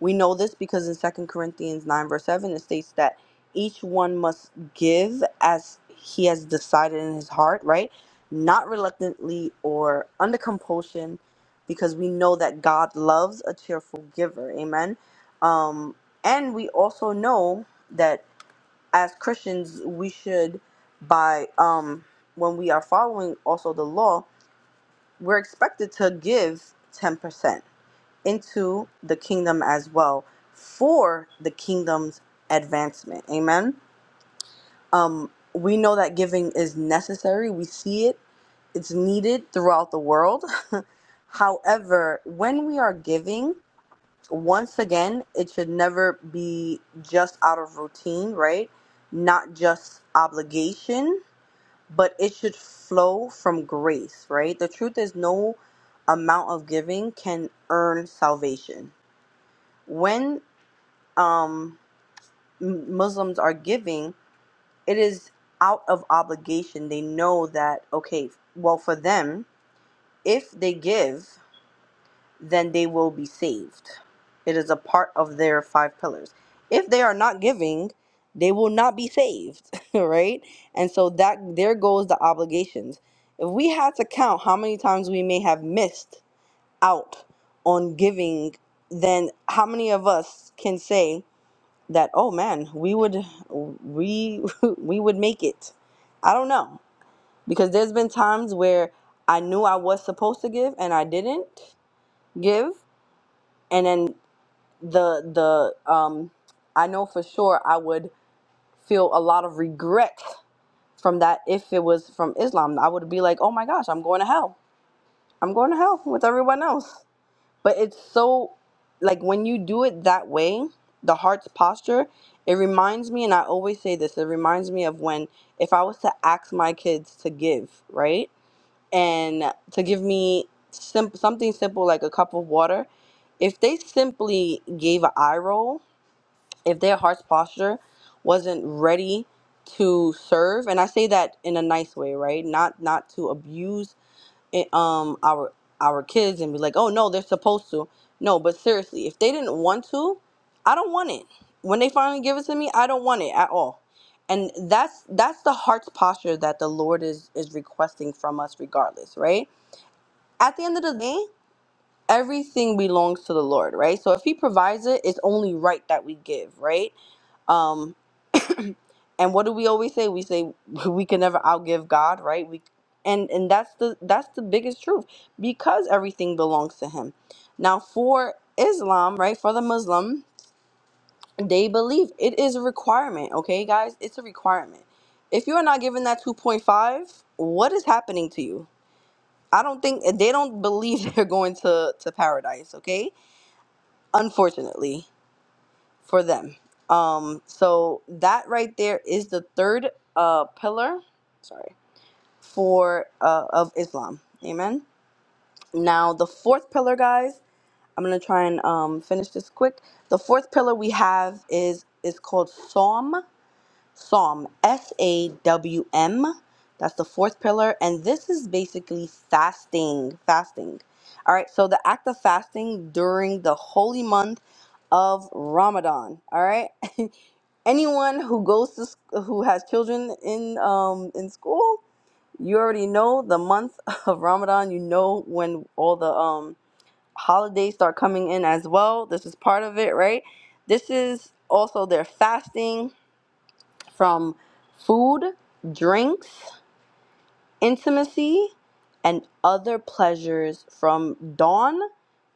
[SPEAKER 2] we know this because in Second Corinthians 9, verse 7, it states that each one must give as he has decided in his heart, right? Not reluctantly or under compulsion, because we know that God loves a cheerful giver. Amen. Um, and we also know that as Christians, we should, by um, when we are following also the law, we're expected to give 10% into the kingdom as well for the kingdom's advancement. Amen. Um, we know that giving is necessary. We see it, it's needed throughout the world. However, when we are giving, once again, it should never be just out of routine, right? Not just obligation, but it should flow from grace, right? The truth is, no amount of giving can earn salvation. When um, Muslims are giving, it is out of obligation. They know that, okay, well, for them, if they give, then they will be saved. It is a part of their five pillars. If they are not giving, they will not be saved, right? And so that there goes the obligations. If we had to count how many times we may have missed out on giving, then how many of us can say that oh man we would we we would make it i don't know because there's been times where i knew i was supposed to give and i didn't give and then the the um i know for sure i would feel a lot of regret from that if it was from islam i would be like oh my gosh i'm going to hell i'm going to hell with everyone else but it's so like when you do it that way the heart's posture it reminds me and i always say this it reminds me of when if i was to ask my kids to give right and to give me sim- something simple like a cup of water if they simply gave an eye roll if their heart's posture wasn't ready to serve and i say that in a nice way right not not to abuse it- um our our kids and be like, "Oh no, they're supposed to." No, but seriously, if they didn't want to, I don't want it. When they finally give it to me, I don't want it at all. And that's that's the heart's posture that the Lord is is requesting from us regardless, right? At the end of the day, everything belongs to the Lord, right? So if he provides it, it's only right that we give, right? Um, and what do we always say we say we can never outgive god right we and and that's the that's the biggest truth because everything belongs to him now for islam right for the muslim they believe it is a requirement okay guys it's a requirement if you're not given that 2.5 what is happening to you i don't think they don't believe they're going to to paradise okay unfortunately for them um so that right there is the third uh pillar sorry for uh, of Islam. Amen. Now the fourth pillar, guys. I'm gonna try and um, finish this quick. The fourth pillar we have is is called Psalm. Psalm. S A W M. That's the fourth pillar, and this is basically fasting. Fasting. All right. So the act of fasting during the holy month of Ramadan. All right. Anyone who goes to sc- who has children in um in school you already know the month of Ramadan. You know when all the um holidays start coming in as well. This is part of it, right? This is also their fasting from food, drinks intimacy and other pleasures from dawn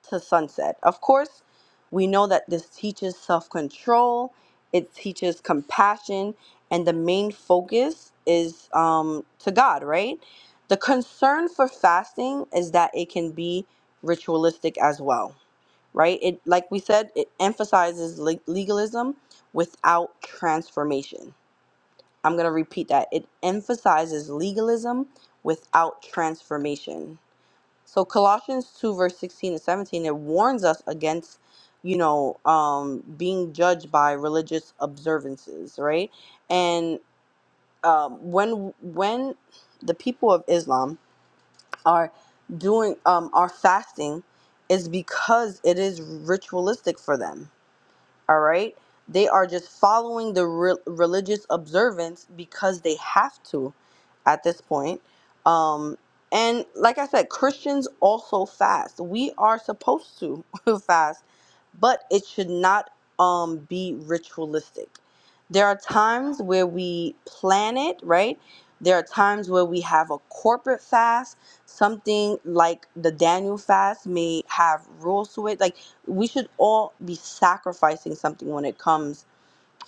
[SPEAKER 2] to sunset. Of course, we know that this teaches self control, it teaches compassion, and the main focus is um, to God, right? The concern for fasting is that it can be ritualistic as well, right? It, like we said, it emphasizes le- legalism without transformation I'm going to repeat that. It emphasizes legalism without transformation. So Colossians 2 verse 16 and 17 it warns us against you know um being judged by religious observances, right? And um when when the people of Islam are doing um are fasting is because it is ritualistic for them all right they are just following the re- religious observance because they have to at this point um and like i said christians also fast we are supposed to fast but it should not um be ritualistic there are times where we plan it right there are times where we have a corporate fast something like the daniel fast may have rules to it like we should all be sacrificing something when it comes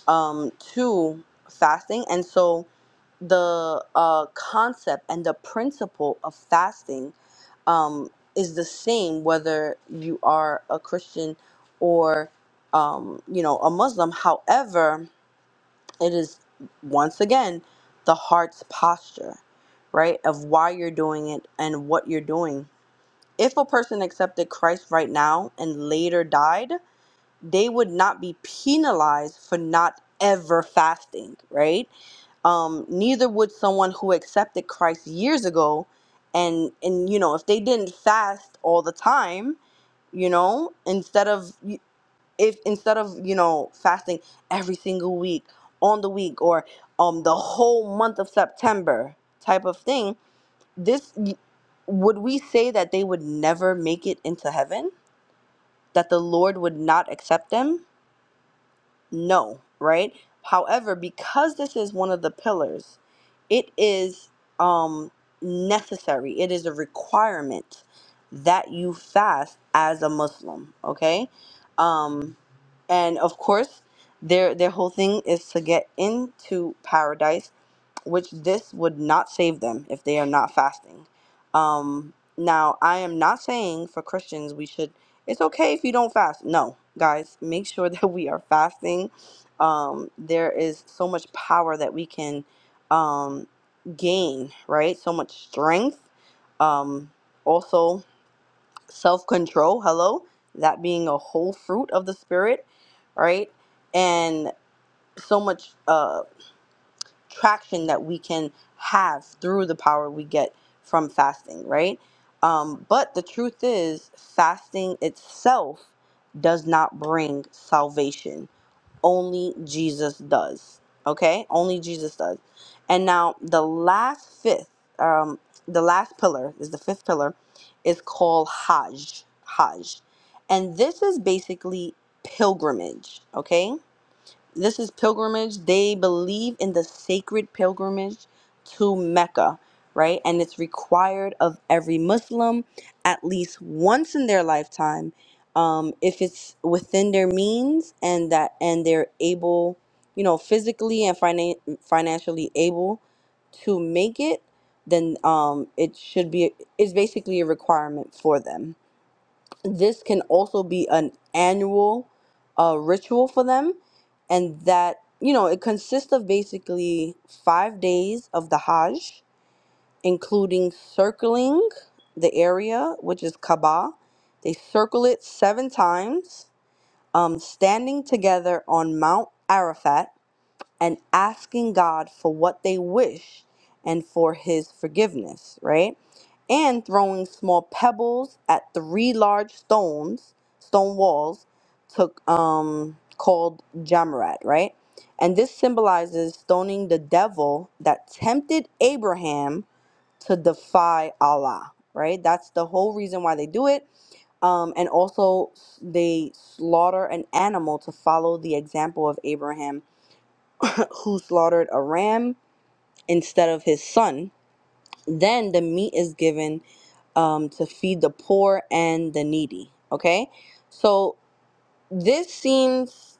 [SPEAKER 2] um, to fasting. And so the uh, concept and the principle of fasting um, is the same whether you are a Christian or um, you know a Muslim. However, it is once again the heart's posture, right, of why you're doing it and what you're doing. If a person accepted Christ right now and later died, they would not be penalized for not ever fasting, right? Um, neither would someone who accepted Christ years ago and and you know, if they didn't fast all the time, you know, instead of if instead of, you know, fasting every single week on the week or um the whole month of September type of thing, this would we say that they would never make it into heaven? That the Lord would not accept them? No, right? However, because this is one of the pillars, it is um necessary. It is a requirement that you fast as a Muslim, okay? Um and of course, their their whole thing is to get into paradise which this would not save them if they are not fasting. Um, now, I am not saying for Christians we should, it's okay if you don't fast. No, guys, make sure that we are fasting. Um, there is so much power that we can um, gain, right? So much strength. Um, also, self control. Hello. That being a whole fruit of the Spirit, right? And so much. Uh, traction that we can have through the power we get from fasting, right? Um, but the truth is, fasting itself does not bring salvation. Only Jesus does. Okay? Only Jesus does. And now the last fifth, um, the last pillar is the fifth pillar, is called Hajj. Hajj. And this is basically pilgrimage. Okay? this is pilgrimage. They believe in the sacred pilgrimage to Mecca, right? And it's required of every Muslim at least once in their lifetime, um, if it's within their means and that and they're able, you know, physically and finan- financially able to make it, then um, it should be. It's basically a requirement for them this can also be an annual uh, ritual for them and that you know it consists of basically five days of the hajj including circling the area which is kaaba they circle it seven times um, standing together on mount arafat and asking God for what they wish and for his forgiveness, right? And throwing small pebbles at three large stones, stone walls, took um called Jamarat, right? And this symbolizes stoning the devil that tempted Abraham to defy Allah, right? That's the whole reason why they do it. Um, and also, s- they slaughter an animal to follow the example of Abraham who slaughtered a ram instead of his son. Then the meat is given um, to feed the poor and the needy. Okay, so this seems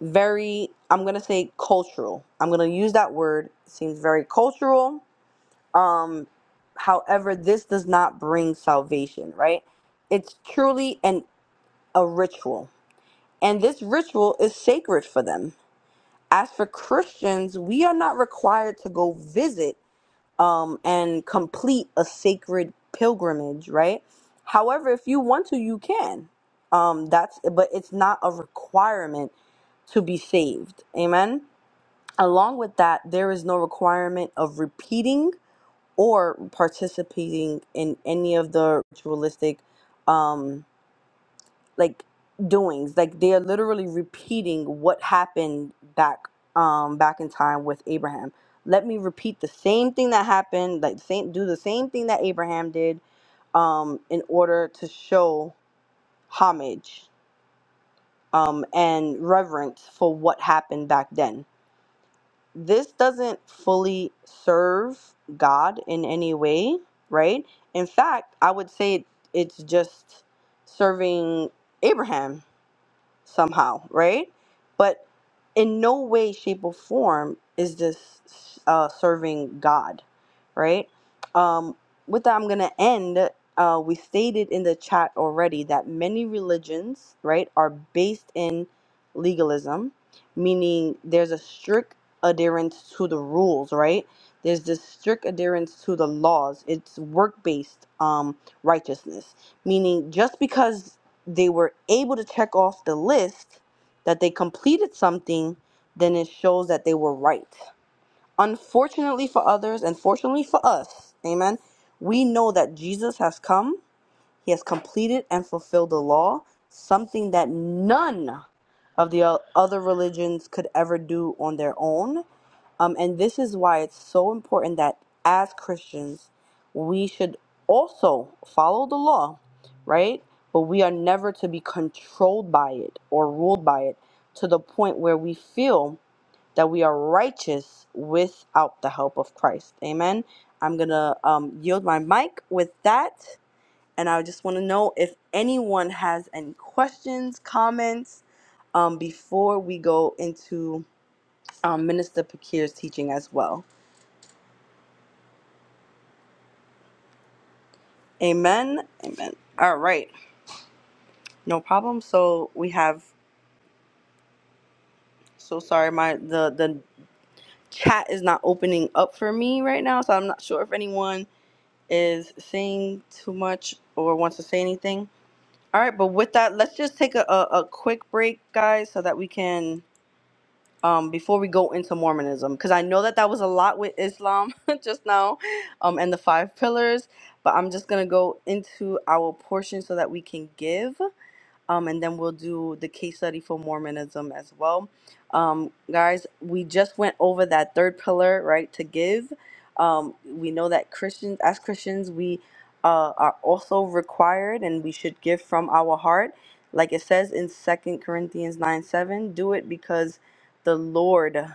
[SPEAKER 2] very, I'm gonna say cultural. I'm gonna use that word. seems very cultural. Um, however, this does not bring salvation, right? It's truly an a ritual, and this ritual is sacred for them. As for Christians, we are not required to go visit um, and complete a sacred pilgrimage, right? However, if you want to, you can. Um, that's but it's not a requirement to be saved. Amen. Along with that, there is no requirement of repeating or participating in any of the ritualistic um, like doings like they are literally repeating what happened back um back in time with abraham let me repeat the same thing that happened like same do the same thing that abraham did um in order to show homage um and reverence for what happened back then this doesn't fully serve god in any way right in fact i would say it's just serving abraham somehow, right? But in no way, shape, or form is this uh, serving God, right? Um, with that, I'm going to end. Uh, we stated in the chat already that many religions, right, are based in legalism, meaning there's a strict adherence to the rules, right? There's this strict adherence to the laws. It's work based um, righteousness, meaning just because they were able to check off the list that they completed something, then it shows that they were right. Unfortunately for others, and fortunately for us, amen, we know that Jesus has come, he has completed and fulfilled the law, something that none of the o- other religions could ever do on their own um, and this is why it's so important that as Christians, we should also follow the law, right? But we are never to be controlled by it or ruled by it to the point where we feel that we are righteous without the help of Christ. Amen. I'm going to um, yield my mic with that. And I just want to know if anyone has any questions, comments um, before we go into um, Minister Pakir's teaching as well. Amen. Amen. All right. No problem. So we have so sorry my the the chat is not opening up for me right now, so I'm not sure if anyone is saying too much or wants to say anything. All right, but with that, let's just take a, a, a quick break, guys, so that we can um before we go into Mormonism because I know that that was a lot with Islam just now um and the five pillars, but I'm just going to go into our portion so that we can give. Um, and then we'll do the case study for Mormonism as well. Um, guys, we just went over that third pillar, right? To give. Um, we know that Christians, as Christians, we uh, are also required and we should give from our heart. Like it says in Second Corinthians 9 7, do it because the Lord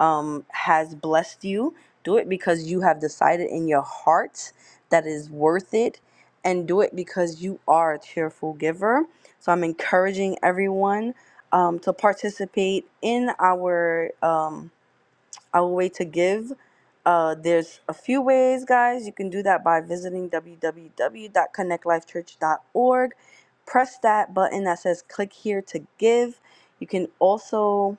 [SPEAKER 2] um, has blessed you, do it because you have decided in your heart that is worth it, and do it because you are a cheerful giver. So I'm encouraging everyone um, to participate in our um, our way to give. Uh, there's a few ways, guys. You can do that by visiting www.connectlifechurch.org. Press that button that says click here to give. You can also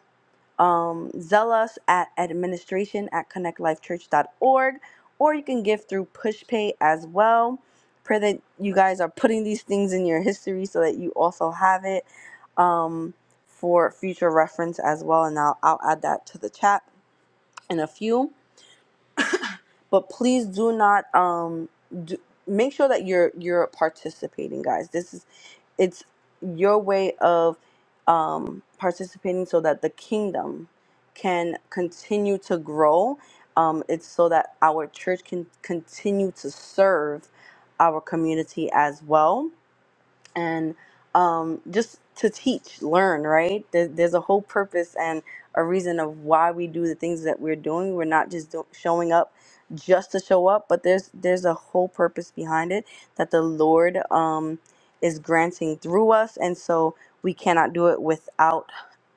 [SPEAKER 2] um, Zell us at administration at connect life church dot org, or you can give through PushPay as well. Pray that you guys are putting these things in your history so that you also have it um, for future reference as well. And I'll, I'll add that to the chat in a few. But please do not um, do, make sure that you're you're participating, guys. This is it's your way of um, participating so that the kingdom can continue to grow. Um, it's so that our church can continue to serve our community as well and um, just to teach, learn, right? There, there's a whole purpose and a reason of why we do the things that we're doing. We're not just do- showing up just to show up, but there's there's a whole purpose behind it that the Lord um, is granting through us, and so we cannot do it without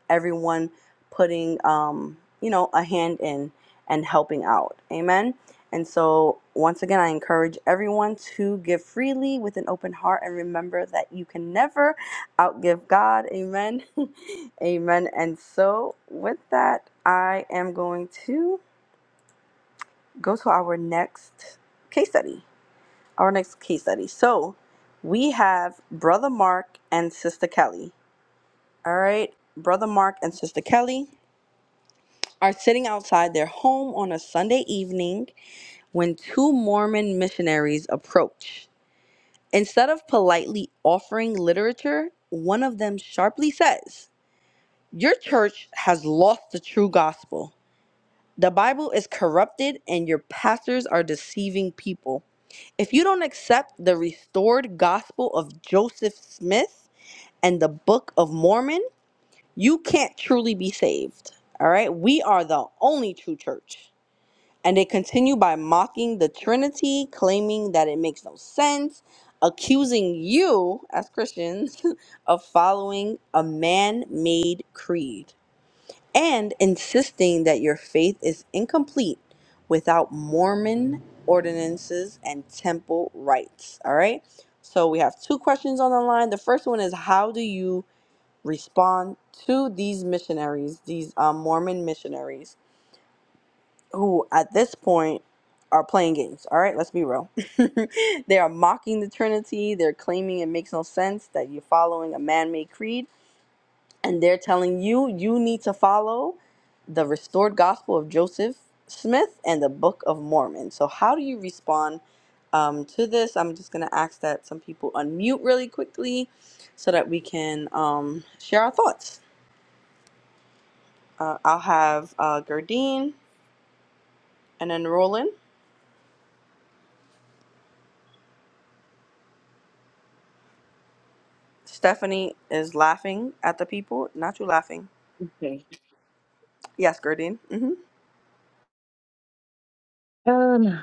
[SPEAKER 2] everyone putting, um, you know, a hand in and helping out. Amen. And so, once again, I encourage everyone to give freely with an open heart and remember that you can never outgive God. Amen. Amen. And so, with that, I am going to go to our next case study. Our next case study. So, we have Brother Mark and Sister Kelly. All right, Brother Mark and Sister Kelly. are sitting outside their home on a Sunday evening when two Mormon missionaries approach. Instead of politely offering literature, one of them sharply says, Your church has lost the true gospel. The Bible is corrupted and your pastors are deceiving people. If you don't accept the restored gospel of Joseph Smith and the Book of Mormon, you can't truly be saved. All right? We are the only true church. And they continue by mocking the Trinity, claiming that it makes no sense, accusing you, as Christians, of following a man made creed, and insisting that your faith is incomplete without Mormon ordinances and temple rites. All right? So we have two questions on the line. The first one is How do you respond to these missionaries, these um, Mormon missionaries? who at this point are playing games. All right, let's be real. they are mocking the Trinity. They're claiming it makes no sense that you're following a man made creed. And they're telling you you need to follow the restored gospel of Joseph Smith and the Book of Mormon. So, how do you respond um, to this? I'm just going to ask that some people unmute really quickly so that we can um, share our thoughts. Uh, I'll have uh, Gerdine and then Roland. Stephanie is laughing at the people. Not you laughing.
[SPEAKER 8] Okay.
[SPEAKER 2] Yes, Gurdine. hmm
[SPEAKER 8] Um,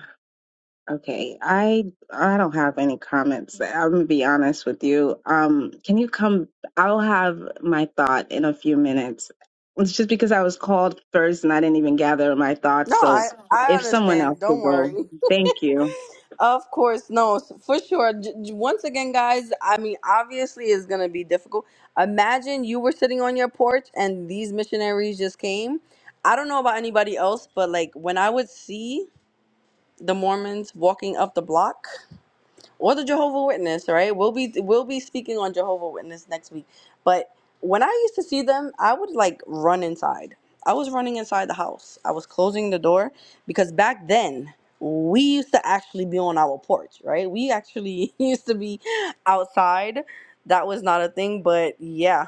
[SPEAKER 8] okay. I I don't have any comments. I'm gonna be honest with you. Um, can you come? I'll have my thought in a few minutes. It's just because I was called first and I didn't even gather my thoughts.
[SPEAKER 2] No,
[SPEAKER 8] So
[SPEAKER 2] I I
[SPEAKER 8] if someone else
[SPEAKER 2] understand.
[SPEAKER 8] could
[SPEAKER 2] Don't worry.
[SPEAKER 8] go, thank you.
[SPEAKER 2] Of course, no, s- for sure. J- j- once again, guys, I mean, obviously, it's gonna be difficult. Imagine you were sitting on your porch and these missionaries just came. I don't know about anybody else, but like when I would see the Mormons walking up the block, or the Jehovah Witness, right? We'll be we'll be speaking on Jehovah Witness next week. But when I used to see them, I would like run inside. I was running inside the house. I was closing the door because back then we used to actually be on our porch, right? We actually used to be outside. That was not a thing, but yeah,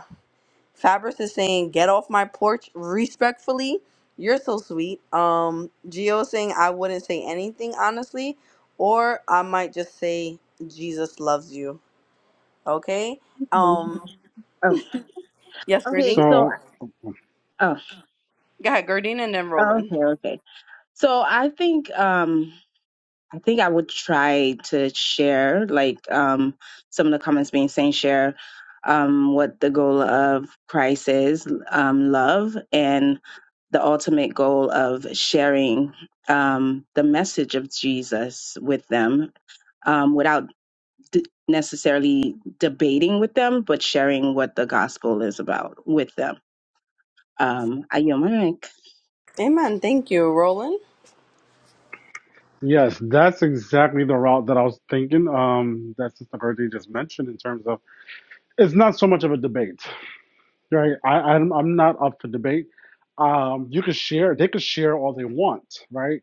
[SPEAKER 2] Fabris is saying, "Get off my porch, respectfully." You're so sweet. Um, Geo saying, "I wouldn't say anything honestly, or I might just say Jesus loves you." Okay. Um,
[SPEAKER 8] Oh,
[SPEAKER 2] yes,
[SPEAKER 8] okay.
[SPEAKER 2] Gerdine.
[SPEAKER 8] So,
[SPEAKER 3] So
[SPEAKER 8] oh,
[SPEAKER 2] Go ahead, Gerdine, and then Roland.
[SPEAKER 8] okay, okay. So I think, um. I think I would try to share, like um, some of the comments being saying, share um, what the goal of Christ is um, love, and the ultimate goal of sharing um, the message of Jesus with them um, without d- necessarily debating with them, but sharing what the gospel is about with them. Um, I yield my mic.
[SPEAKER 2] Amen. Thank you, Roland.
[SPEAKER 3] Yes, that's exactly the route that I was thinking. Um, that's just the Sister you just mentioned in terms of it's not so much of a debate. Right. I, I'm I'm not up for debate. Um, you could share. They could share all they want, right?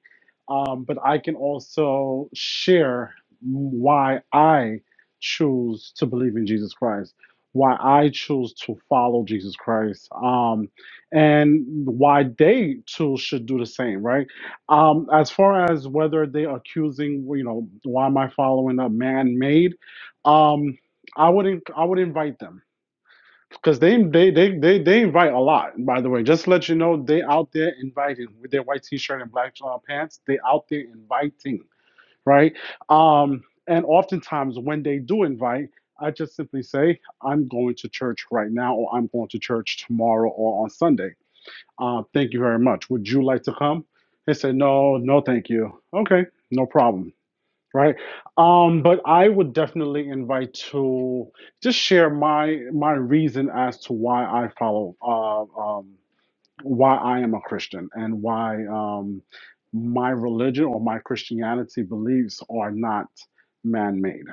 [SPEAKER 3] Um, but I can also share why I choose to believe in Jesus Christ, why I choose to follow Jesus Christ, um, and why they too should do the same, right? Um, as far as whether they are accusing, you know, why am I following a man made? Um, I wouldn't. I would invite them because they, they they they they invite a lot, by the way. Just to let you know, they out there inviting with their white t-shirt and black uh, pants. They out there inviting, right? Um, and oftentimes when they do invite, I just simply say, I'm going to church right now, or I'm going to church tomorrow or on Sunday. Uh, thank you very much. Would you like to come? They say, No, no, thank you. Okay, no problem. Right. Um, but I would definitely invite to just share my my reason as to why I follow uh, um, why I am a Christian and why um, my religion or my Christianity beliefs are not man-made.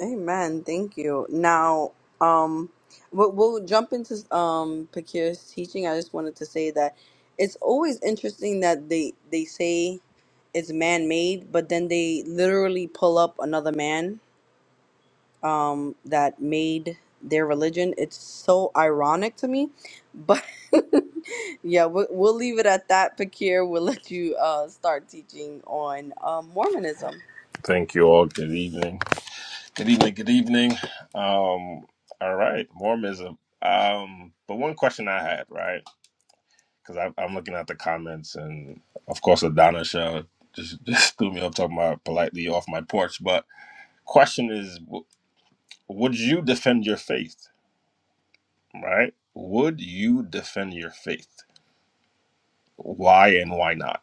[SPEAKER 2] Amen. Thank you. Now, um, we'll, we'll jump into um Pakir's teaching. I just wanted to say that it's always interesting that they they say. it's man made, but then they literally pull up another man um, that made their religion. It's so ironic to me, but yeah, we'll, we'll leave it at that. Pakir, we'll let you uh, start teaching on uh, Mormonism.
[SPEAKER 9] Thank you all. Good evening. Good evening. Good evening. Um, all right, Mormonism. Um, but one question I had, right? Because I'm looking at the comments, and of course, Adana Shah just just threw me up talking about politely off my porch. But question is, w- would you defend your faith? Right? Would you defend your faith? Why and why not?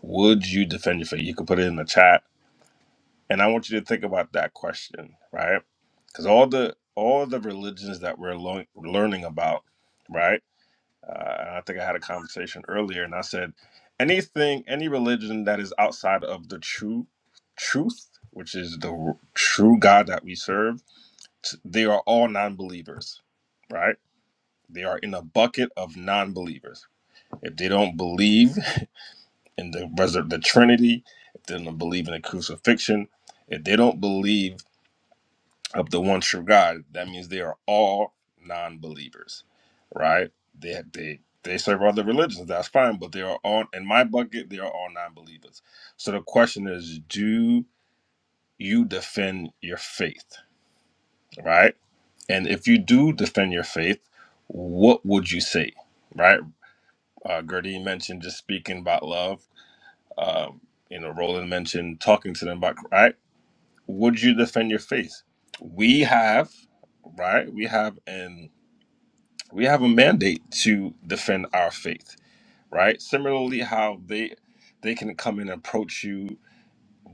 [SPEAKER 9] Would you defend your faith? You could put it in the chat And I want you to think about that question, right? Because all the all the religions that we're lo- learning about, right? Uh, and I think I had a conversation earlier, and I said anything, any religion that is outside of the true truth, which is the r- true God that we serve, t- they are all non-believers, right? They are in a bucket of non-believers. If they don't believe in the resur- the Trinity, if they don't believe in the crucifixion, if they don't believe of the one true God, that means they are all non-believers, right? They they they serve other religions, that's fine, but they are all in my bucket. They are all non-believers. So the question is, do you defend your faith, right? And if you do defend your faith, what would you say, right? Uh, Gurdine mentioned just speaking about love. Um, you know, Roland mentioned talking to them about right. Would you defend your faith? We have, right? We have in we have a mandate to defend our faith, right? Similarly, how they they can come and approach you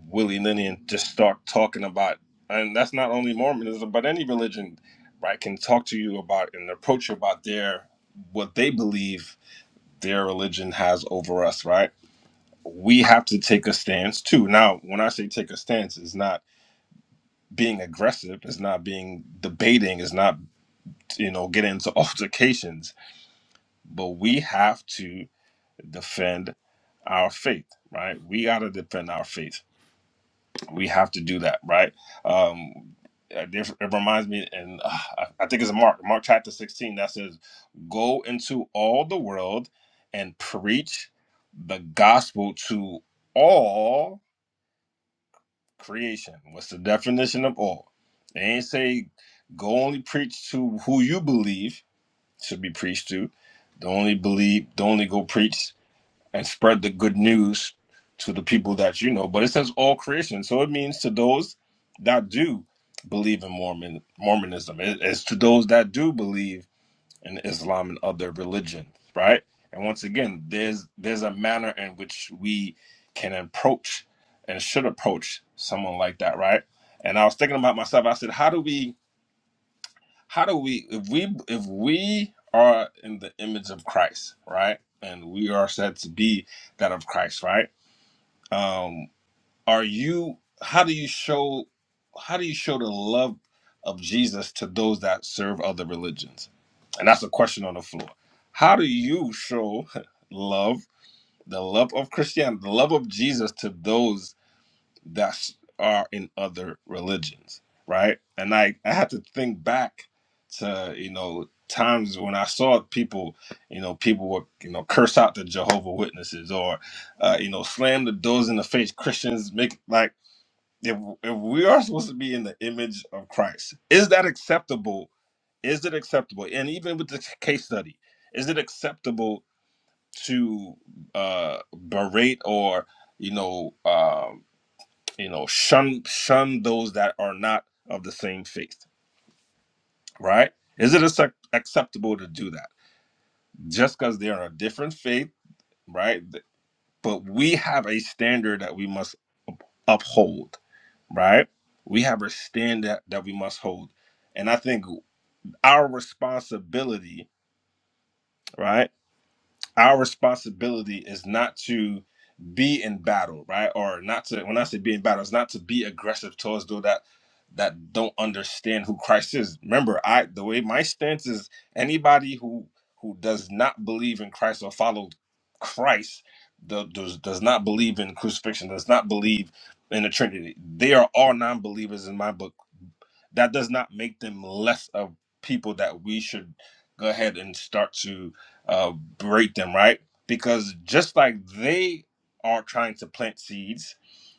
[SPEAKER 9] willy nilly and just start talking about, and that's not only Mormonism, but any religion, right? Can talk to you about and approach you about their what they believe their religion has over us, right? We have to take a stance too. Now, when I say take a stance, it's not being aggressive, it's not being debating, it's not you know getting into altercations, but we have to defend our faith, right? We got to defend our faith. We have to do that, right? Um, it it reminds me, and uh, I I think it's Mark, Mark chapter 16, that says, Go into all the world and preach the gospel to all creation. What's the definition of all? They ain't say go only preach to who you believe should be preached to. Don't only believe, don't only go preach and spread the good news to the people that you know. But it says all creation, so it means to those that do believe in Mormon Mormonism. It- it's to those that do believe in Islam and other religion, right? And once again, there's there's a manner in which we can approach and should approach someone like that, right? And I was thinking about myself. I said, how do we? how do we if we if we are in the image of christ right and we are said to be that of christ right um are you how do you show how do you show the love of jesus to those that serve other religions and that's a question on the floor how do you show love the love of christianity the love of jesus to those that are in other religions, right? And I, I had to think back to, you know, times when I saw people, you know, people would, you know, curse out the Jehovah Witnesses or, uh, you know, slam the doors in the face. Christians make like, if, if we are supposed to be in the image of Christ, is that acceptable? Is it acceptable? And even with the case study, is it acceptable to uh, berate or, you know, um, you know, shun shun those that are not of the same faith. Right? Is it accept- acceptable to do that just because they are a different faith? Right? Th- But we have a standard that we must uphold. Right? We have a standard that we must hold, and I think our responsibility. Right? our responsibility is not to be in battle, right? Or not to when I say be in battle, it's not to be aggressive towards those that that don't understand who Christ is. Remember, I the way my stance is anybody who who does not believe in Christ or follow Christ do- does, does not believe in crucifixion, does not believe in the Trinity. They are all non-believers in my book that does not make them less of people that we should go ahead and start to uh, berate them, right? Because just like they are trying to plant seeds,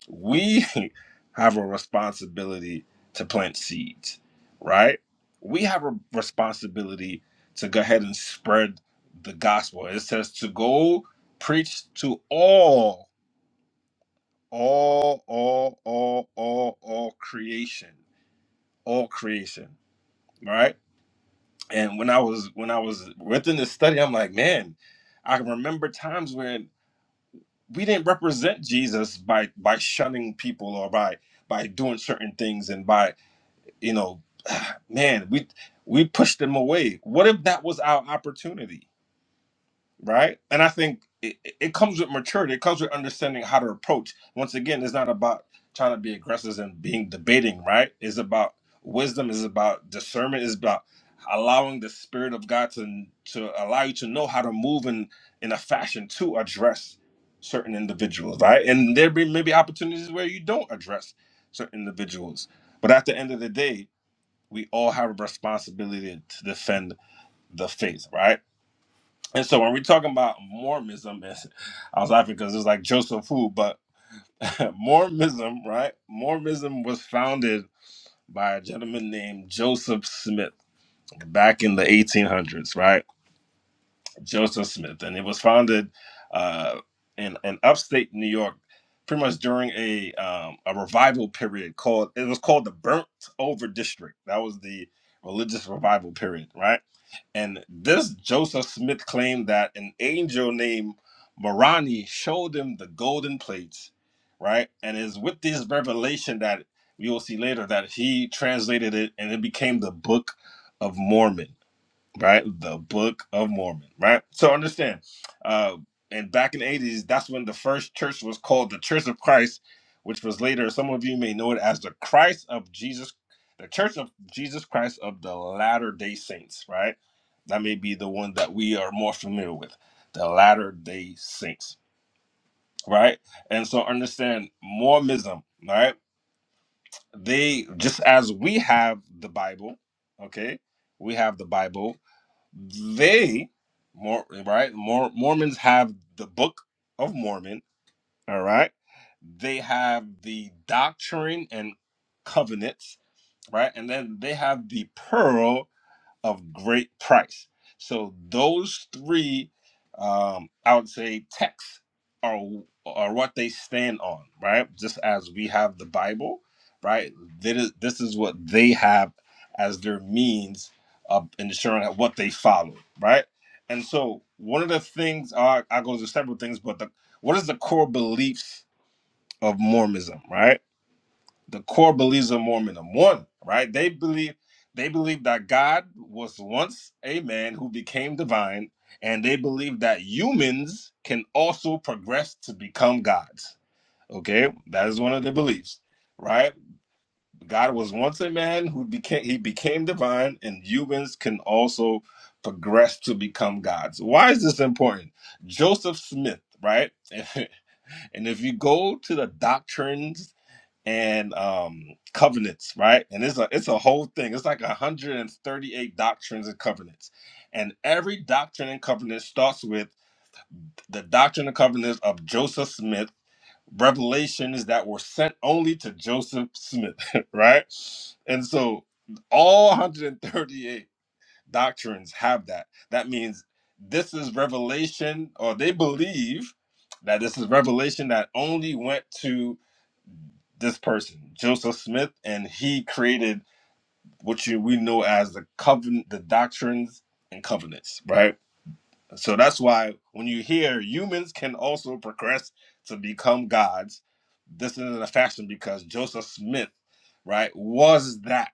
[SPEAKER 9] we have a responsibility to plant seeds, right? We have a responsibility to go ahead and spread the gospel. It says to go preach to all, all, all, all, all, all creation, all creation, right? And when I was when I was within this study, I'm like, man, I can remember times when we didn't represent Jesus by by shunning people or by by doing certain things and by you know, man, we we pushed them away. What if that was our opportunity? right? And I think it, it comes with maturity. It comes with understanding how to approach. Once again, it's not about trying to be aggressive and being debating, right? It's about wisdom. It's about discernment. It's about allowing the spirit of God to to allow you to know how to move in in a fashion to address certain individuals, right? And there be maybe opportunities where you don't address certain individuals, but at the end of the day, we all have a responsibility to defend the faith, right? And so when we're talking about Mormonism, it's- I was laughing because it's like Joseph who, but Mormonism, right? Mormonism was founded by a gentleman named Joseph Smith back in the 1800s, right? Joseph Smith, and it was founded uh, in in upstate New York, pretty much during a um, a revival period called it was called the Burnt Over District. That was the religious revival period, right? And this Joseph Smith claimed that an angel named Moroni showed him the golden plates, right? And it's with this revelation that we will see later that he translated it and it became the Book of Mormon right? The Book of Mormon, right? So understand, uh, and back in the 80s, that's when the first church was called the Church of Christ, which was later, some of you may know it as the Christ of Jesus, the Church of Jesus Christ of the Latter day Saints, right? That may be the one that we are more familiar with, the Latter day Saints, right? And so understand Mormonism, right? They, just as we have the Bible, okay? We have the Bible they, more right, Mor- Mormons have the Book of Mormon. All right, they have the Doctrine and Covenants. Right, and then they have the Pearl of great price. So those three, um, I would say, texts are are what they stand on, right? Just as we have the Bible, right? That is, this is what they have as their means of ensuring that what they follow, right? And so one of the things I I go to several things, but the, what is the core beliefs of Mormonism, right? the core beliefs of Mormonism. one, right? They believe they believe that God was once a man who became divine, and they believe that humans can also progress to become gods. Okay, that is one of their beliefs, right? God was once a man who became he became divine, and humans can also progress to become gods. Why is this important? Joseph Smith, right? and if you go to the doctrines and um covenants right and it's a it's a whole thing it's like 138 doctrines and covenants and every doctrine and covenant starts with the doctrine and covenants of joseph smith revelations that were sent only to joseph smith right and so all 138 doctrines have that that means this is revelation or they believe that this is revelation that only went to this person, Joseph Smith, and he created what you we know as the covenant, the doctrines and covenants, right? So that's why when you hear humans can also progress to become gods, this isn't a fashion because Joseph Smith, right, was that,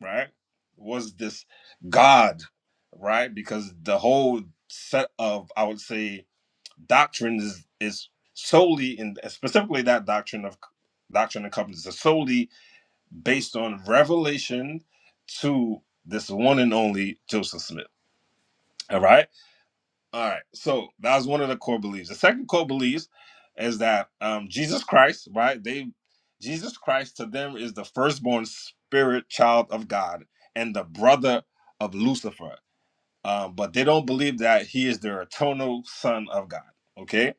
[SPEAKER 9] right? Was this God, right? Because the whole set of I would say doctrines is, solely in specifically that doctrine of doctrine and covenants is solely based on revelation to this one and only Joseph Smith. All right. All right. So that was one of the core beliefs. The second core beliefs is that um, Jesus Christ, right? They Jesus Christ to them is the firstborn spirit child of God and the brother of Lucifer. Um, but they don't believe that he is their eternal son of God. Okay.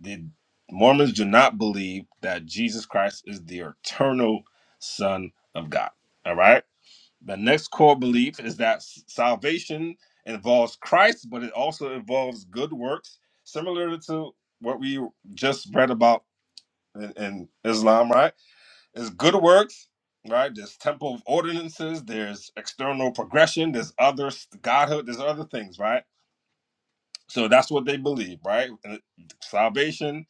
[SPEAKER 9] The Mormons do not believe that Jesus Christ is the eternal son of God. All right the next core belief is that salvation involves Christ, but it also involves good works, similar to what we just read about in, in Islam, right? It's good works, right? There's temple ordinances, there's external progression, there's other godhood, there's other things, right? So that's what they believe, right? And it- Salvation,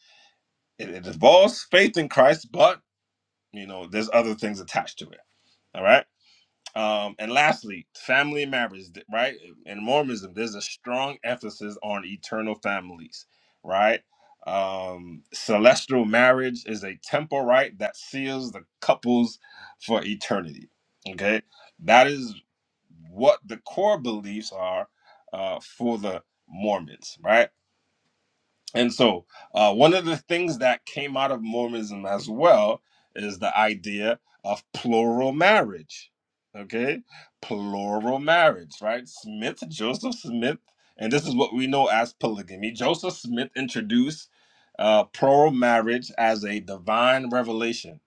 [SPEAKER 9] it, it involves faith in Christ, but you know, there's other things attached to it. All right. Um, and lastly, family matters, right? In Mormonism, there's a strong emphasis on eternal families, right? Um, celestial marriage is a temple right that seals the couples for eternity. Okay, that is what the core beliefs are uh, for the Mormons, right? And so, uh, one of the things that came out of Mormonism as well is the idea of plural marriage. Okay, plural marriage, right? Smith, Joseph Smith, and this is what we know as polygamy. Joseph Smith introduced uh, plural marriage as a divine revelation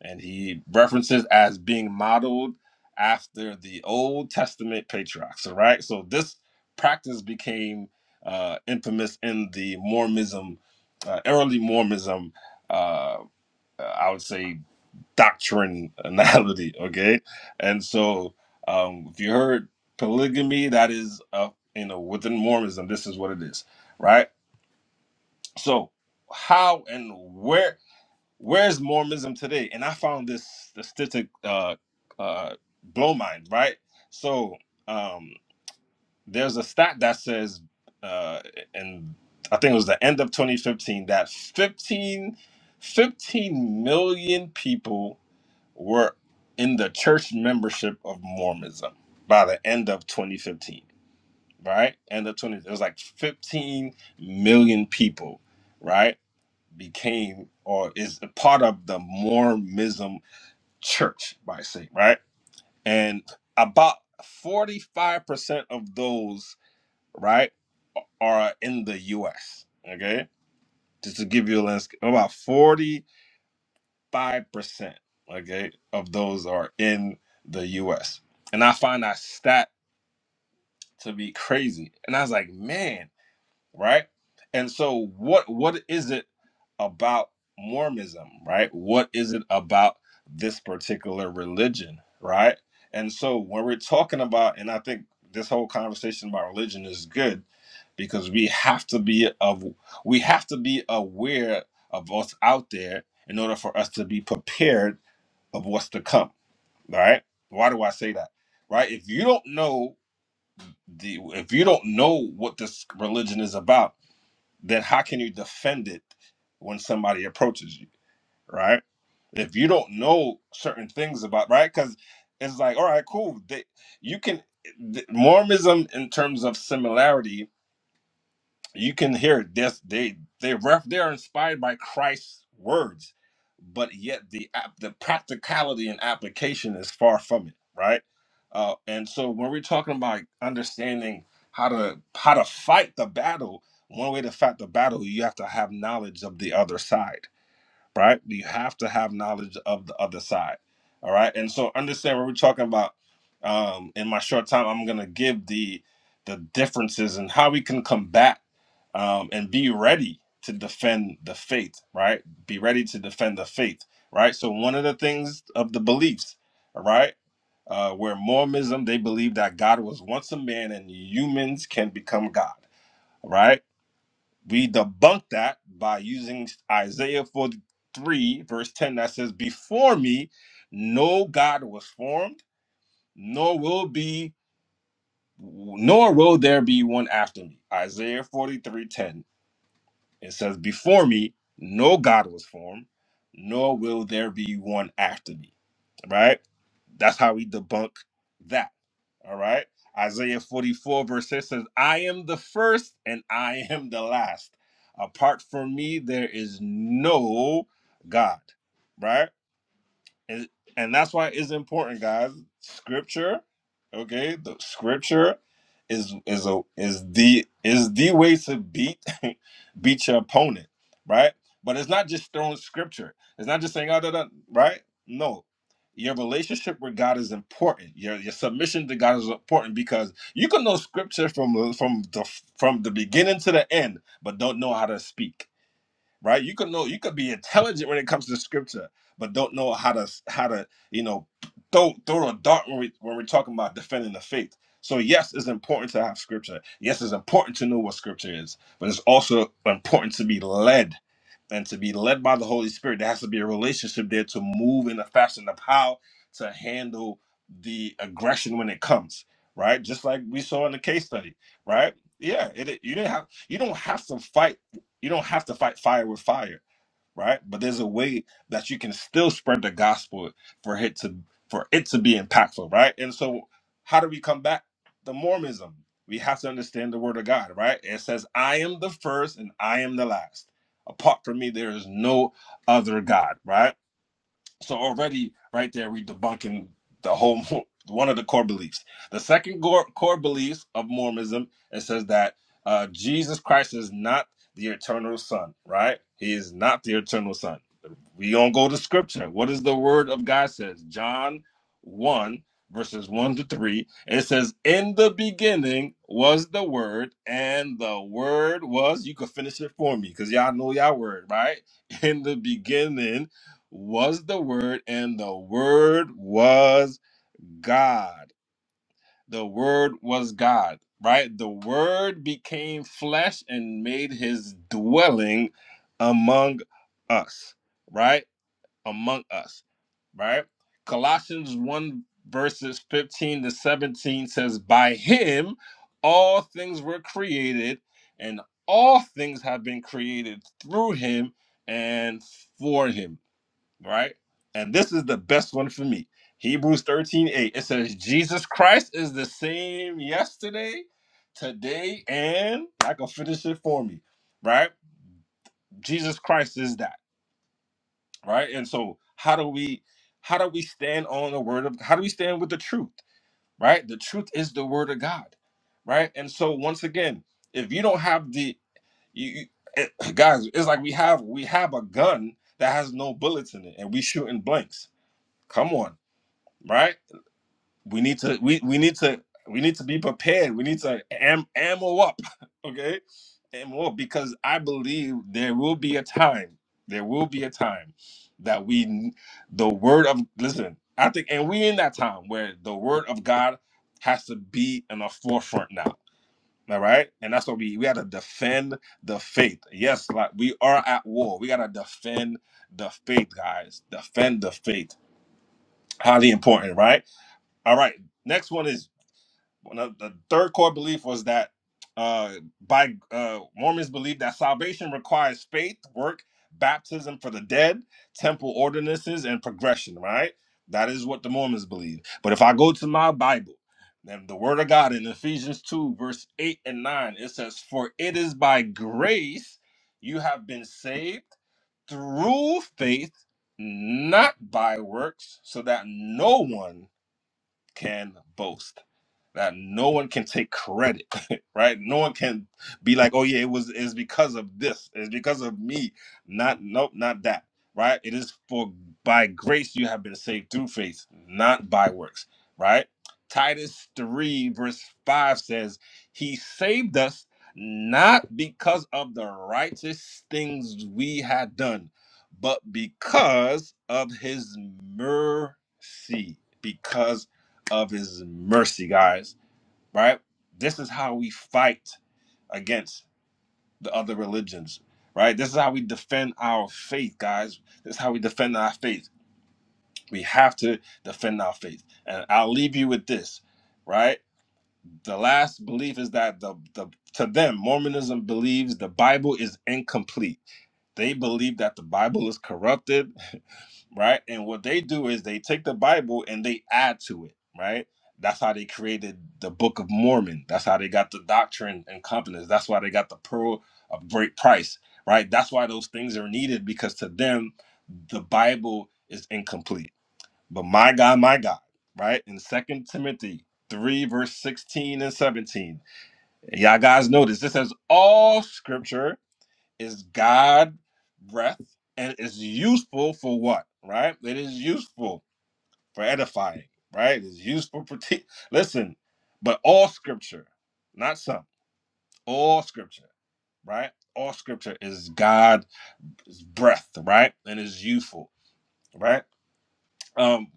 [SPEAKER 9] and he references as being modeled after the Old Testament patriarchs. All right, so this practice became uh, infamous in the Mormonism, uh, early Mormonism. Uh, I would say doctrinality. Okay, and so um, if you heard polygamy, that is uh, you know within Mormonism, this is what it is, right? So how and where where's Mormonism today? And I found this statistic uh, uh, blow mind, right? So um, there's a stat that says, uh, and I think it was the end of 2015, that 15, 15 million people were in the church membership of Mormonism by the end of 2015, right? End of 20, it was like 15 million people, right? became or is a part of the Mormonism church, by say, right? And about 45% of those, right, are in the US, okay? Just to give you a lens, about 45%, okay, of those are in the US. And I find that stat to be crazy. And I was like, man, right? And so what what is it about Mormonism, right? What is it about this particular religion, right? And so when we're talking about and I think this whole conversation about religion is good because we have to be of we have to be aware of what's out there in order for us to be prepared of what's to come, right? Why do I say that? Right? If you don't know the if you don't know what this religion is about, then how can you defend it when somebody approaches you, right? If you don't know certain things about, right? Because it's like, all right, cool. They, you can th- Mormonism in terms of similarity you can hear this they they ref they're inspired by christ's words but yet the app the practicality and application is far from it right uh and so when we're talking about understanding how to how to fight the battle one way to fight the battle you have to have knowledge of the other side right? You have to have knowledge of the other side, all right? And so understand what we're talking about. Um, in my short time, I'm gonna give the the differences and how we can combat um, and be ready to defend the faith, right? Be ready to defend the faith, right? So one of the things of the beliefs, all right, uh, where Mormonism they believe that God was once a man and humans can become God, right? We debunk that by using Isaiah 43, verse 10, that says, Before me, no God was formed, nor will be, nor will there be one after me. Isaiah 43:10. It says, Before me, no God was formed, nor will there be one after me. All Right? That's how we debunk that. All right. Isaiah 44, verse 6 says, I am the first and I am the last. Apart from me, there is no God. Right? and and that's why it's important guys scripture okay the scripture is is a is the is the way to beat beat your opponent right but it's not just throwing scripture it's not just saying oh, da, da," right no your relationship with God is important. Your your submission to God is important because you can know scripture from from the from the beginning to the end, but don't know how to speak right? You could know you could be intelligent when it comes to scripture, but don't know how to how to you know throw throw a dart when we when we're talking about defending the faith. So yes, it's important to have scripture. Yes, it's important to know what scripture is, but it's also important to be led and to be led by the Holy Spirit, there has to be a relationship there to move in a fashion of how to handle the aggression when it comes, right? Just like we saw in the case study, right? Yeah, it, you didn't have you don't have to fight you don't have to fight fire with fire right? But there's a way that you can still spread the gospel for it to for it to be impactful, right? And so how do we combat the Mormonism? We have to understand the word of God, right? It says, I am the first and I am the last. Apart from me, there is no other God, right? So already right there, we debunking the whole one of the core beliefs. The second core, core beliefs of Mormonism, it says that uh, Jesus Christ is not the eternal son, right? He is not the eternal son we gonna go to scripture. What does the word of God says? John 1, verses 1 to 3. It says, In the beginning was the word, and the word was, you could finish it for me, because y'all know y'all word, right? In the beginning was the word, and the word was God. The word was God, right? The word became flesh and made his dwelling among us right? among us, right? Colossians 1 verses 15 to 17 says, By him all things were created, and all things have been created through him and for him, right? And this is the best one for me. Hebrews 13 8. It says, Jesus Christ is the same yesterday, today, and I can finish it for me, right? Jesus Christ is that right and so how do we how do we stand on the word of how do we stand with the truth right the truth is the word of god right and so once again if you don't have the you, you- it- guys it's like we have we have a gun that has no bullets in it and we shooting blanks come on right we need to we, we need to we need to be prepared. We need to am, ammo up, okay? Ammo up because I believe there will be a time. There will be a time that we the word of listen. I think, and we in that time where the word of God has to be in the forefront now. All right, and that's what we we gotta defend the faith. Yes, like we are at war. We gotta defend the faith, guys. Defend the faith. Highly important, right? All right. Next one is one of the third core belief was that uh, by uh, Mormons believe that salvation requires faith, work, baptism for the dead, temple ordinances, and progression. Right? That is what the Mormons believe. But if I go to my Bible. then the word of God in Ephesians 2, verse 8 and 9, it says, For it is by grace you have been saved through faith, not by works, so that no one can boast that no one can take credit right no one can be like oh yeah it was it's because of this it's because of me not nope not that right it is for by grace you have been saved through faith not by works right titus 3 verse 5 says he saved us not because of the righteous things we had done but because of his mercy because of his mercy, guys. Right? This is how we fight against the other religions. Right? This is how we defend our faith, guys. This is how we defend our faith. We have to defend our faith. And I'll leave you with this, right? The last belief is that the, the to them, Mormonism believes the Bible is incomplete. They believe that the Bible is corrupted right? And what they do is they take the Bible and they add to it, right? That's how they created the Book of Mormon. That's how they got the Doctrine and Covenants. That's why they got the Pearl of Great Price, right? That's why those things are needed because to them, the Bible is incomplete. But my God, my God, right? In Second Timothy 3, verse 16 and 17, y'all guys notice this says all scripture is God breath and it's useful for what? Right? It is useful for edifying, right? It is useful for te- listen, but all scripture, not some, all scripture, right? All scripture is God's breath, right? And is useful, right? Um,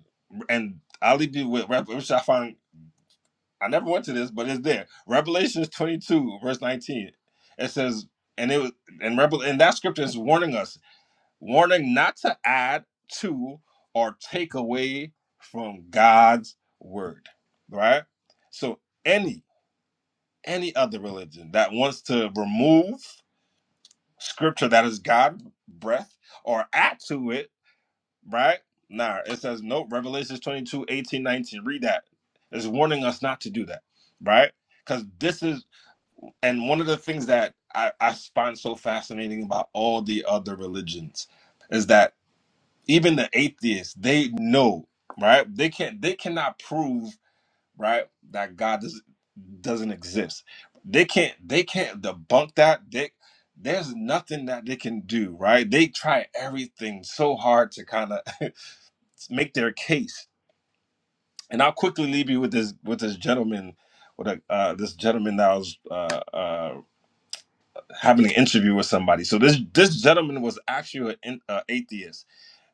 [SPEAKER 9] and I'll leave you with Rev- which I find I never went to this, but it's there. Revelations 22, verse 19. It says, and it was and rebel and that scripture is warning us warning not to add to or take away from God's word, right? So any any other religion that wants to remove scripture that is God's breath or add to it, right? Nah, it says no, Revelations 22 18 19 Read that. It's warning us not to do that, right? Because this is and one of the things that I, I find so fascinating about all the other religions is that even the atheists they know right they can't they cannot prove right that god does, doesn't exist they can't they can't debunk that they there's nothing that they can do right they try everything so hard to kind of make their case and i'll quickly leave you with this with this gentleman with a, uh, this gentleman that I was uh, uh, having an interview with somebody. So this this gentleman was actually an uh, atheist,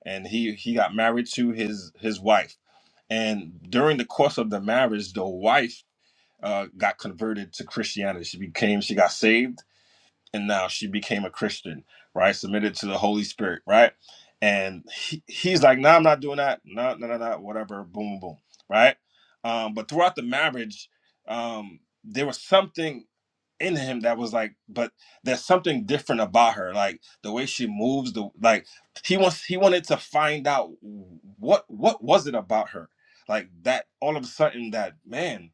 [SPEAKER 9] and he he got married to his his wife And during the course of the marriage, the wife uh, got converted to Christianity. She became, she got saved, and now she became a Christian, right? Submitted to the Holy Spirit, right? And he, he's like, no, nah, I'm not doing that. No, no, no, no, whatever. Boom, boom, boom, right? Um, but throughout the marriage, um, there was something in him that was like, but there's something different about her. Like the way she moves, the like he wants he wanted to find out what what was it about her. Like that all of a sudden that man,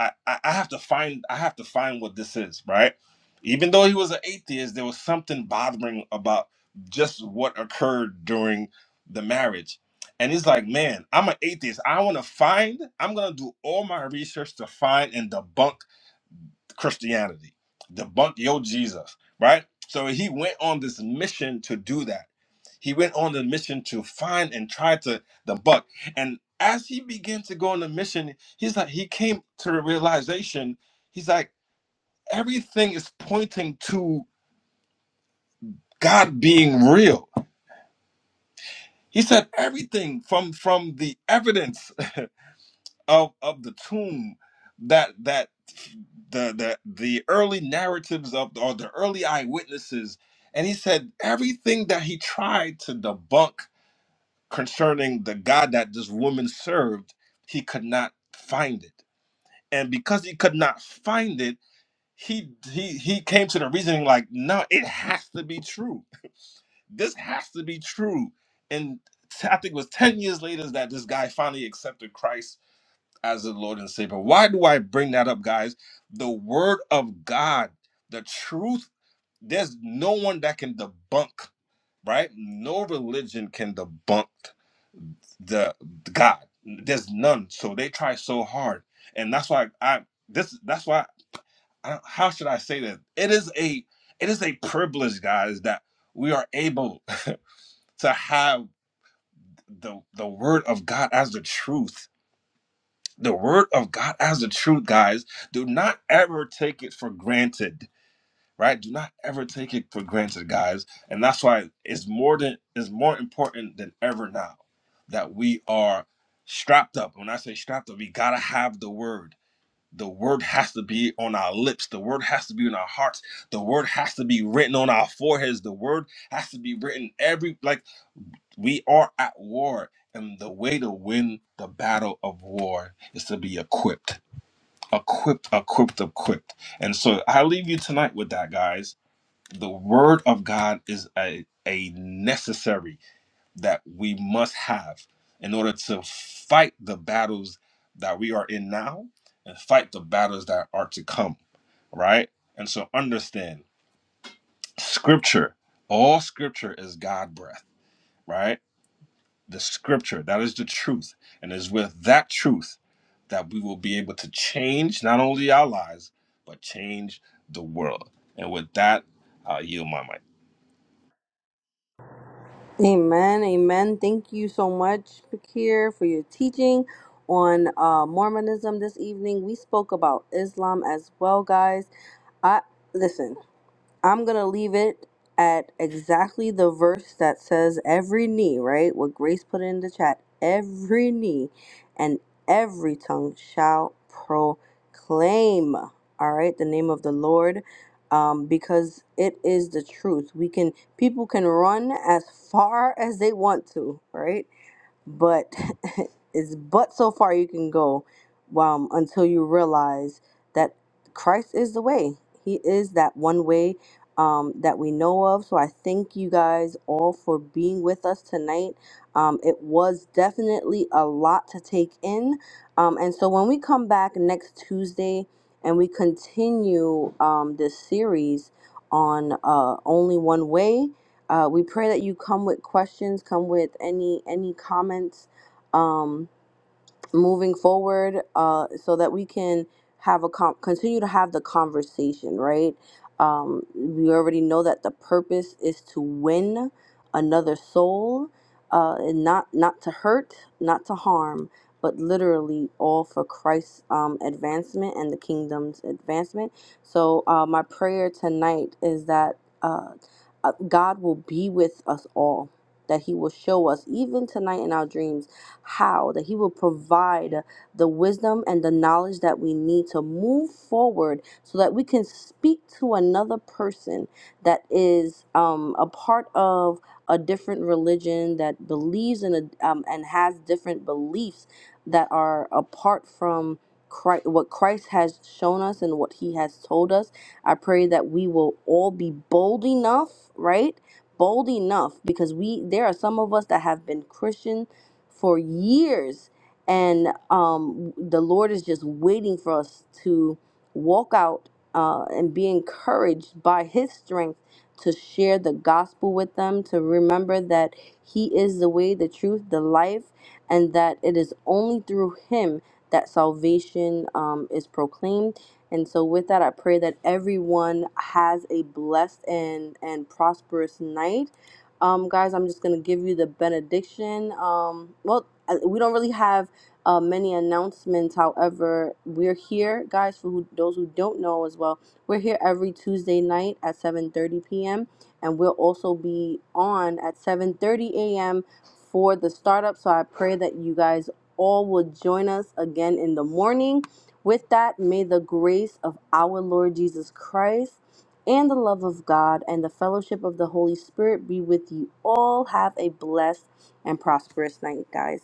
[SPEAKER 9] I, I, I have to find I have to find what this is, right? Even though he was an atheist, there was something bothering about just what occurred during the marriage. And he's like, man, I'm an atheist. I want to find, I'm going to do all my research to find and debunk Christianity, debunk your Jesus, right? So he went on this mission to do that. He went on the mission to find and try to debunk. And as he began to go on the mission, he's like, he came to the realization, he's like, everything is pointing to God being real. He said everything from from the evidence of of the tomb that that the the the early narratives of or the early eyewitnesses and he said everything that he tried to debunk concerning the god that this woman served he could not find it and because he could not find it he he he came to the reasoning like no it has to be true this has to be true and i think it was 10 years later that this guy finally accepted christ as the Lord and Savior. Why do I bring that up, guys? The Word of God, the truth, there's no one that can debunk, right? No religion can debunk the the God. There's none. So they try so hard. And that's why I, this, that's why, I don't, how should I say this? It is a, it is a privilege, guys, that we are able to have the, the Word of God as the truth the word of God as the truth, guys. Do not ever take it for granted, right? Do not ever take it for granted, guys. And that's why it's more than it's more important than ever now that we are strapped up. When I say strapped up, we gotta have the word. The word has to be on our lips. The word has to be in our hearts. The word has to be written on our foreheads. The word has to be written every like we are at war. And the way to win the battle of war is to be equipped equipped, equipped, equipped. And so I leave you tonight with that, guys. The word of God is a, a necessary that we must have in order to fight the battles that we are in now and fight the battles that are to come, right? And so understand scripture, all scripture is God breath, right? the scripture that is the truth and it's with that truth that we will be able to change not only our lives but change the world and with that i'll yield my mic
[SPEAKER 2] Amen, amen. Thank you so much, Pakir, for your teaching on uh, Mormonism this evening. We spoke about Islam as well, guys. I listen. I'm gonna leave it at exactly the verse that says every knee, right? What Grace put in the chat, every knee and every tongue shall proclaim, all right, the name of the Lord. Um, because it is the truth. We can people can run as far as they want to, right? but it's but so far you can go um, until you realize that Christ is the way. He is that one way um, that we know of. So I thank you guys all for being with us tonight. Um, it was definitely a lot to take in. Um, and so when we come back next Tuesday and we continue um, this series on uh, Only One Way, uh, we pray that you come with questions, come with any any comments. Um, moving forward uh, so that we can have a com- continue to have the conversation right um, we already know that the purpose is to win another soul uh, and not not to hurt not to harm but literally all for christ's um, advancement and the kingdom's advancement so uh, my prayer tonight is that uh, uh, god will be with us all that he will show us even tonight in our dreams how, that He will provide the wisdom and the knowledge that we need to move forward so that we can speak to another person that is um, a part of a different religion that believes in a um, and has different beliefs that are apart from Christ, what Christ has shown us and what He has told us. I pray that we will all be bold enough, right? Bold enough because we there are some of us that have been Christian for years. And um, the Lord is just waiting for us to walk out uh, and be encouraged by His strength to share the gospel with them, to remember that He is the way, the truth, the life, and that it is only through Him that salvation um, is proclaimed. And so, with that, I pray that everyone has a blessed and, and prosperous night um, guys, I'm just going to give you the benediction. Um, well, uh, we don't really have uh, many announcements. However, we're here, guys, for who, those who don't know as well. We're here every Tuesday night at 7.30 p.m. And we'll also be on at 7.30 a.m. for the startup. So I pray that you guys all will join us again in the morning. With that, may the grace of our Lord Jesus Christ and the love of God and the fellowship of the Holy Spirit be with you all. Have a blessed and prosperous night, guys.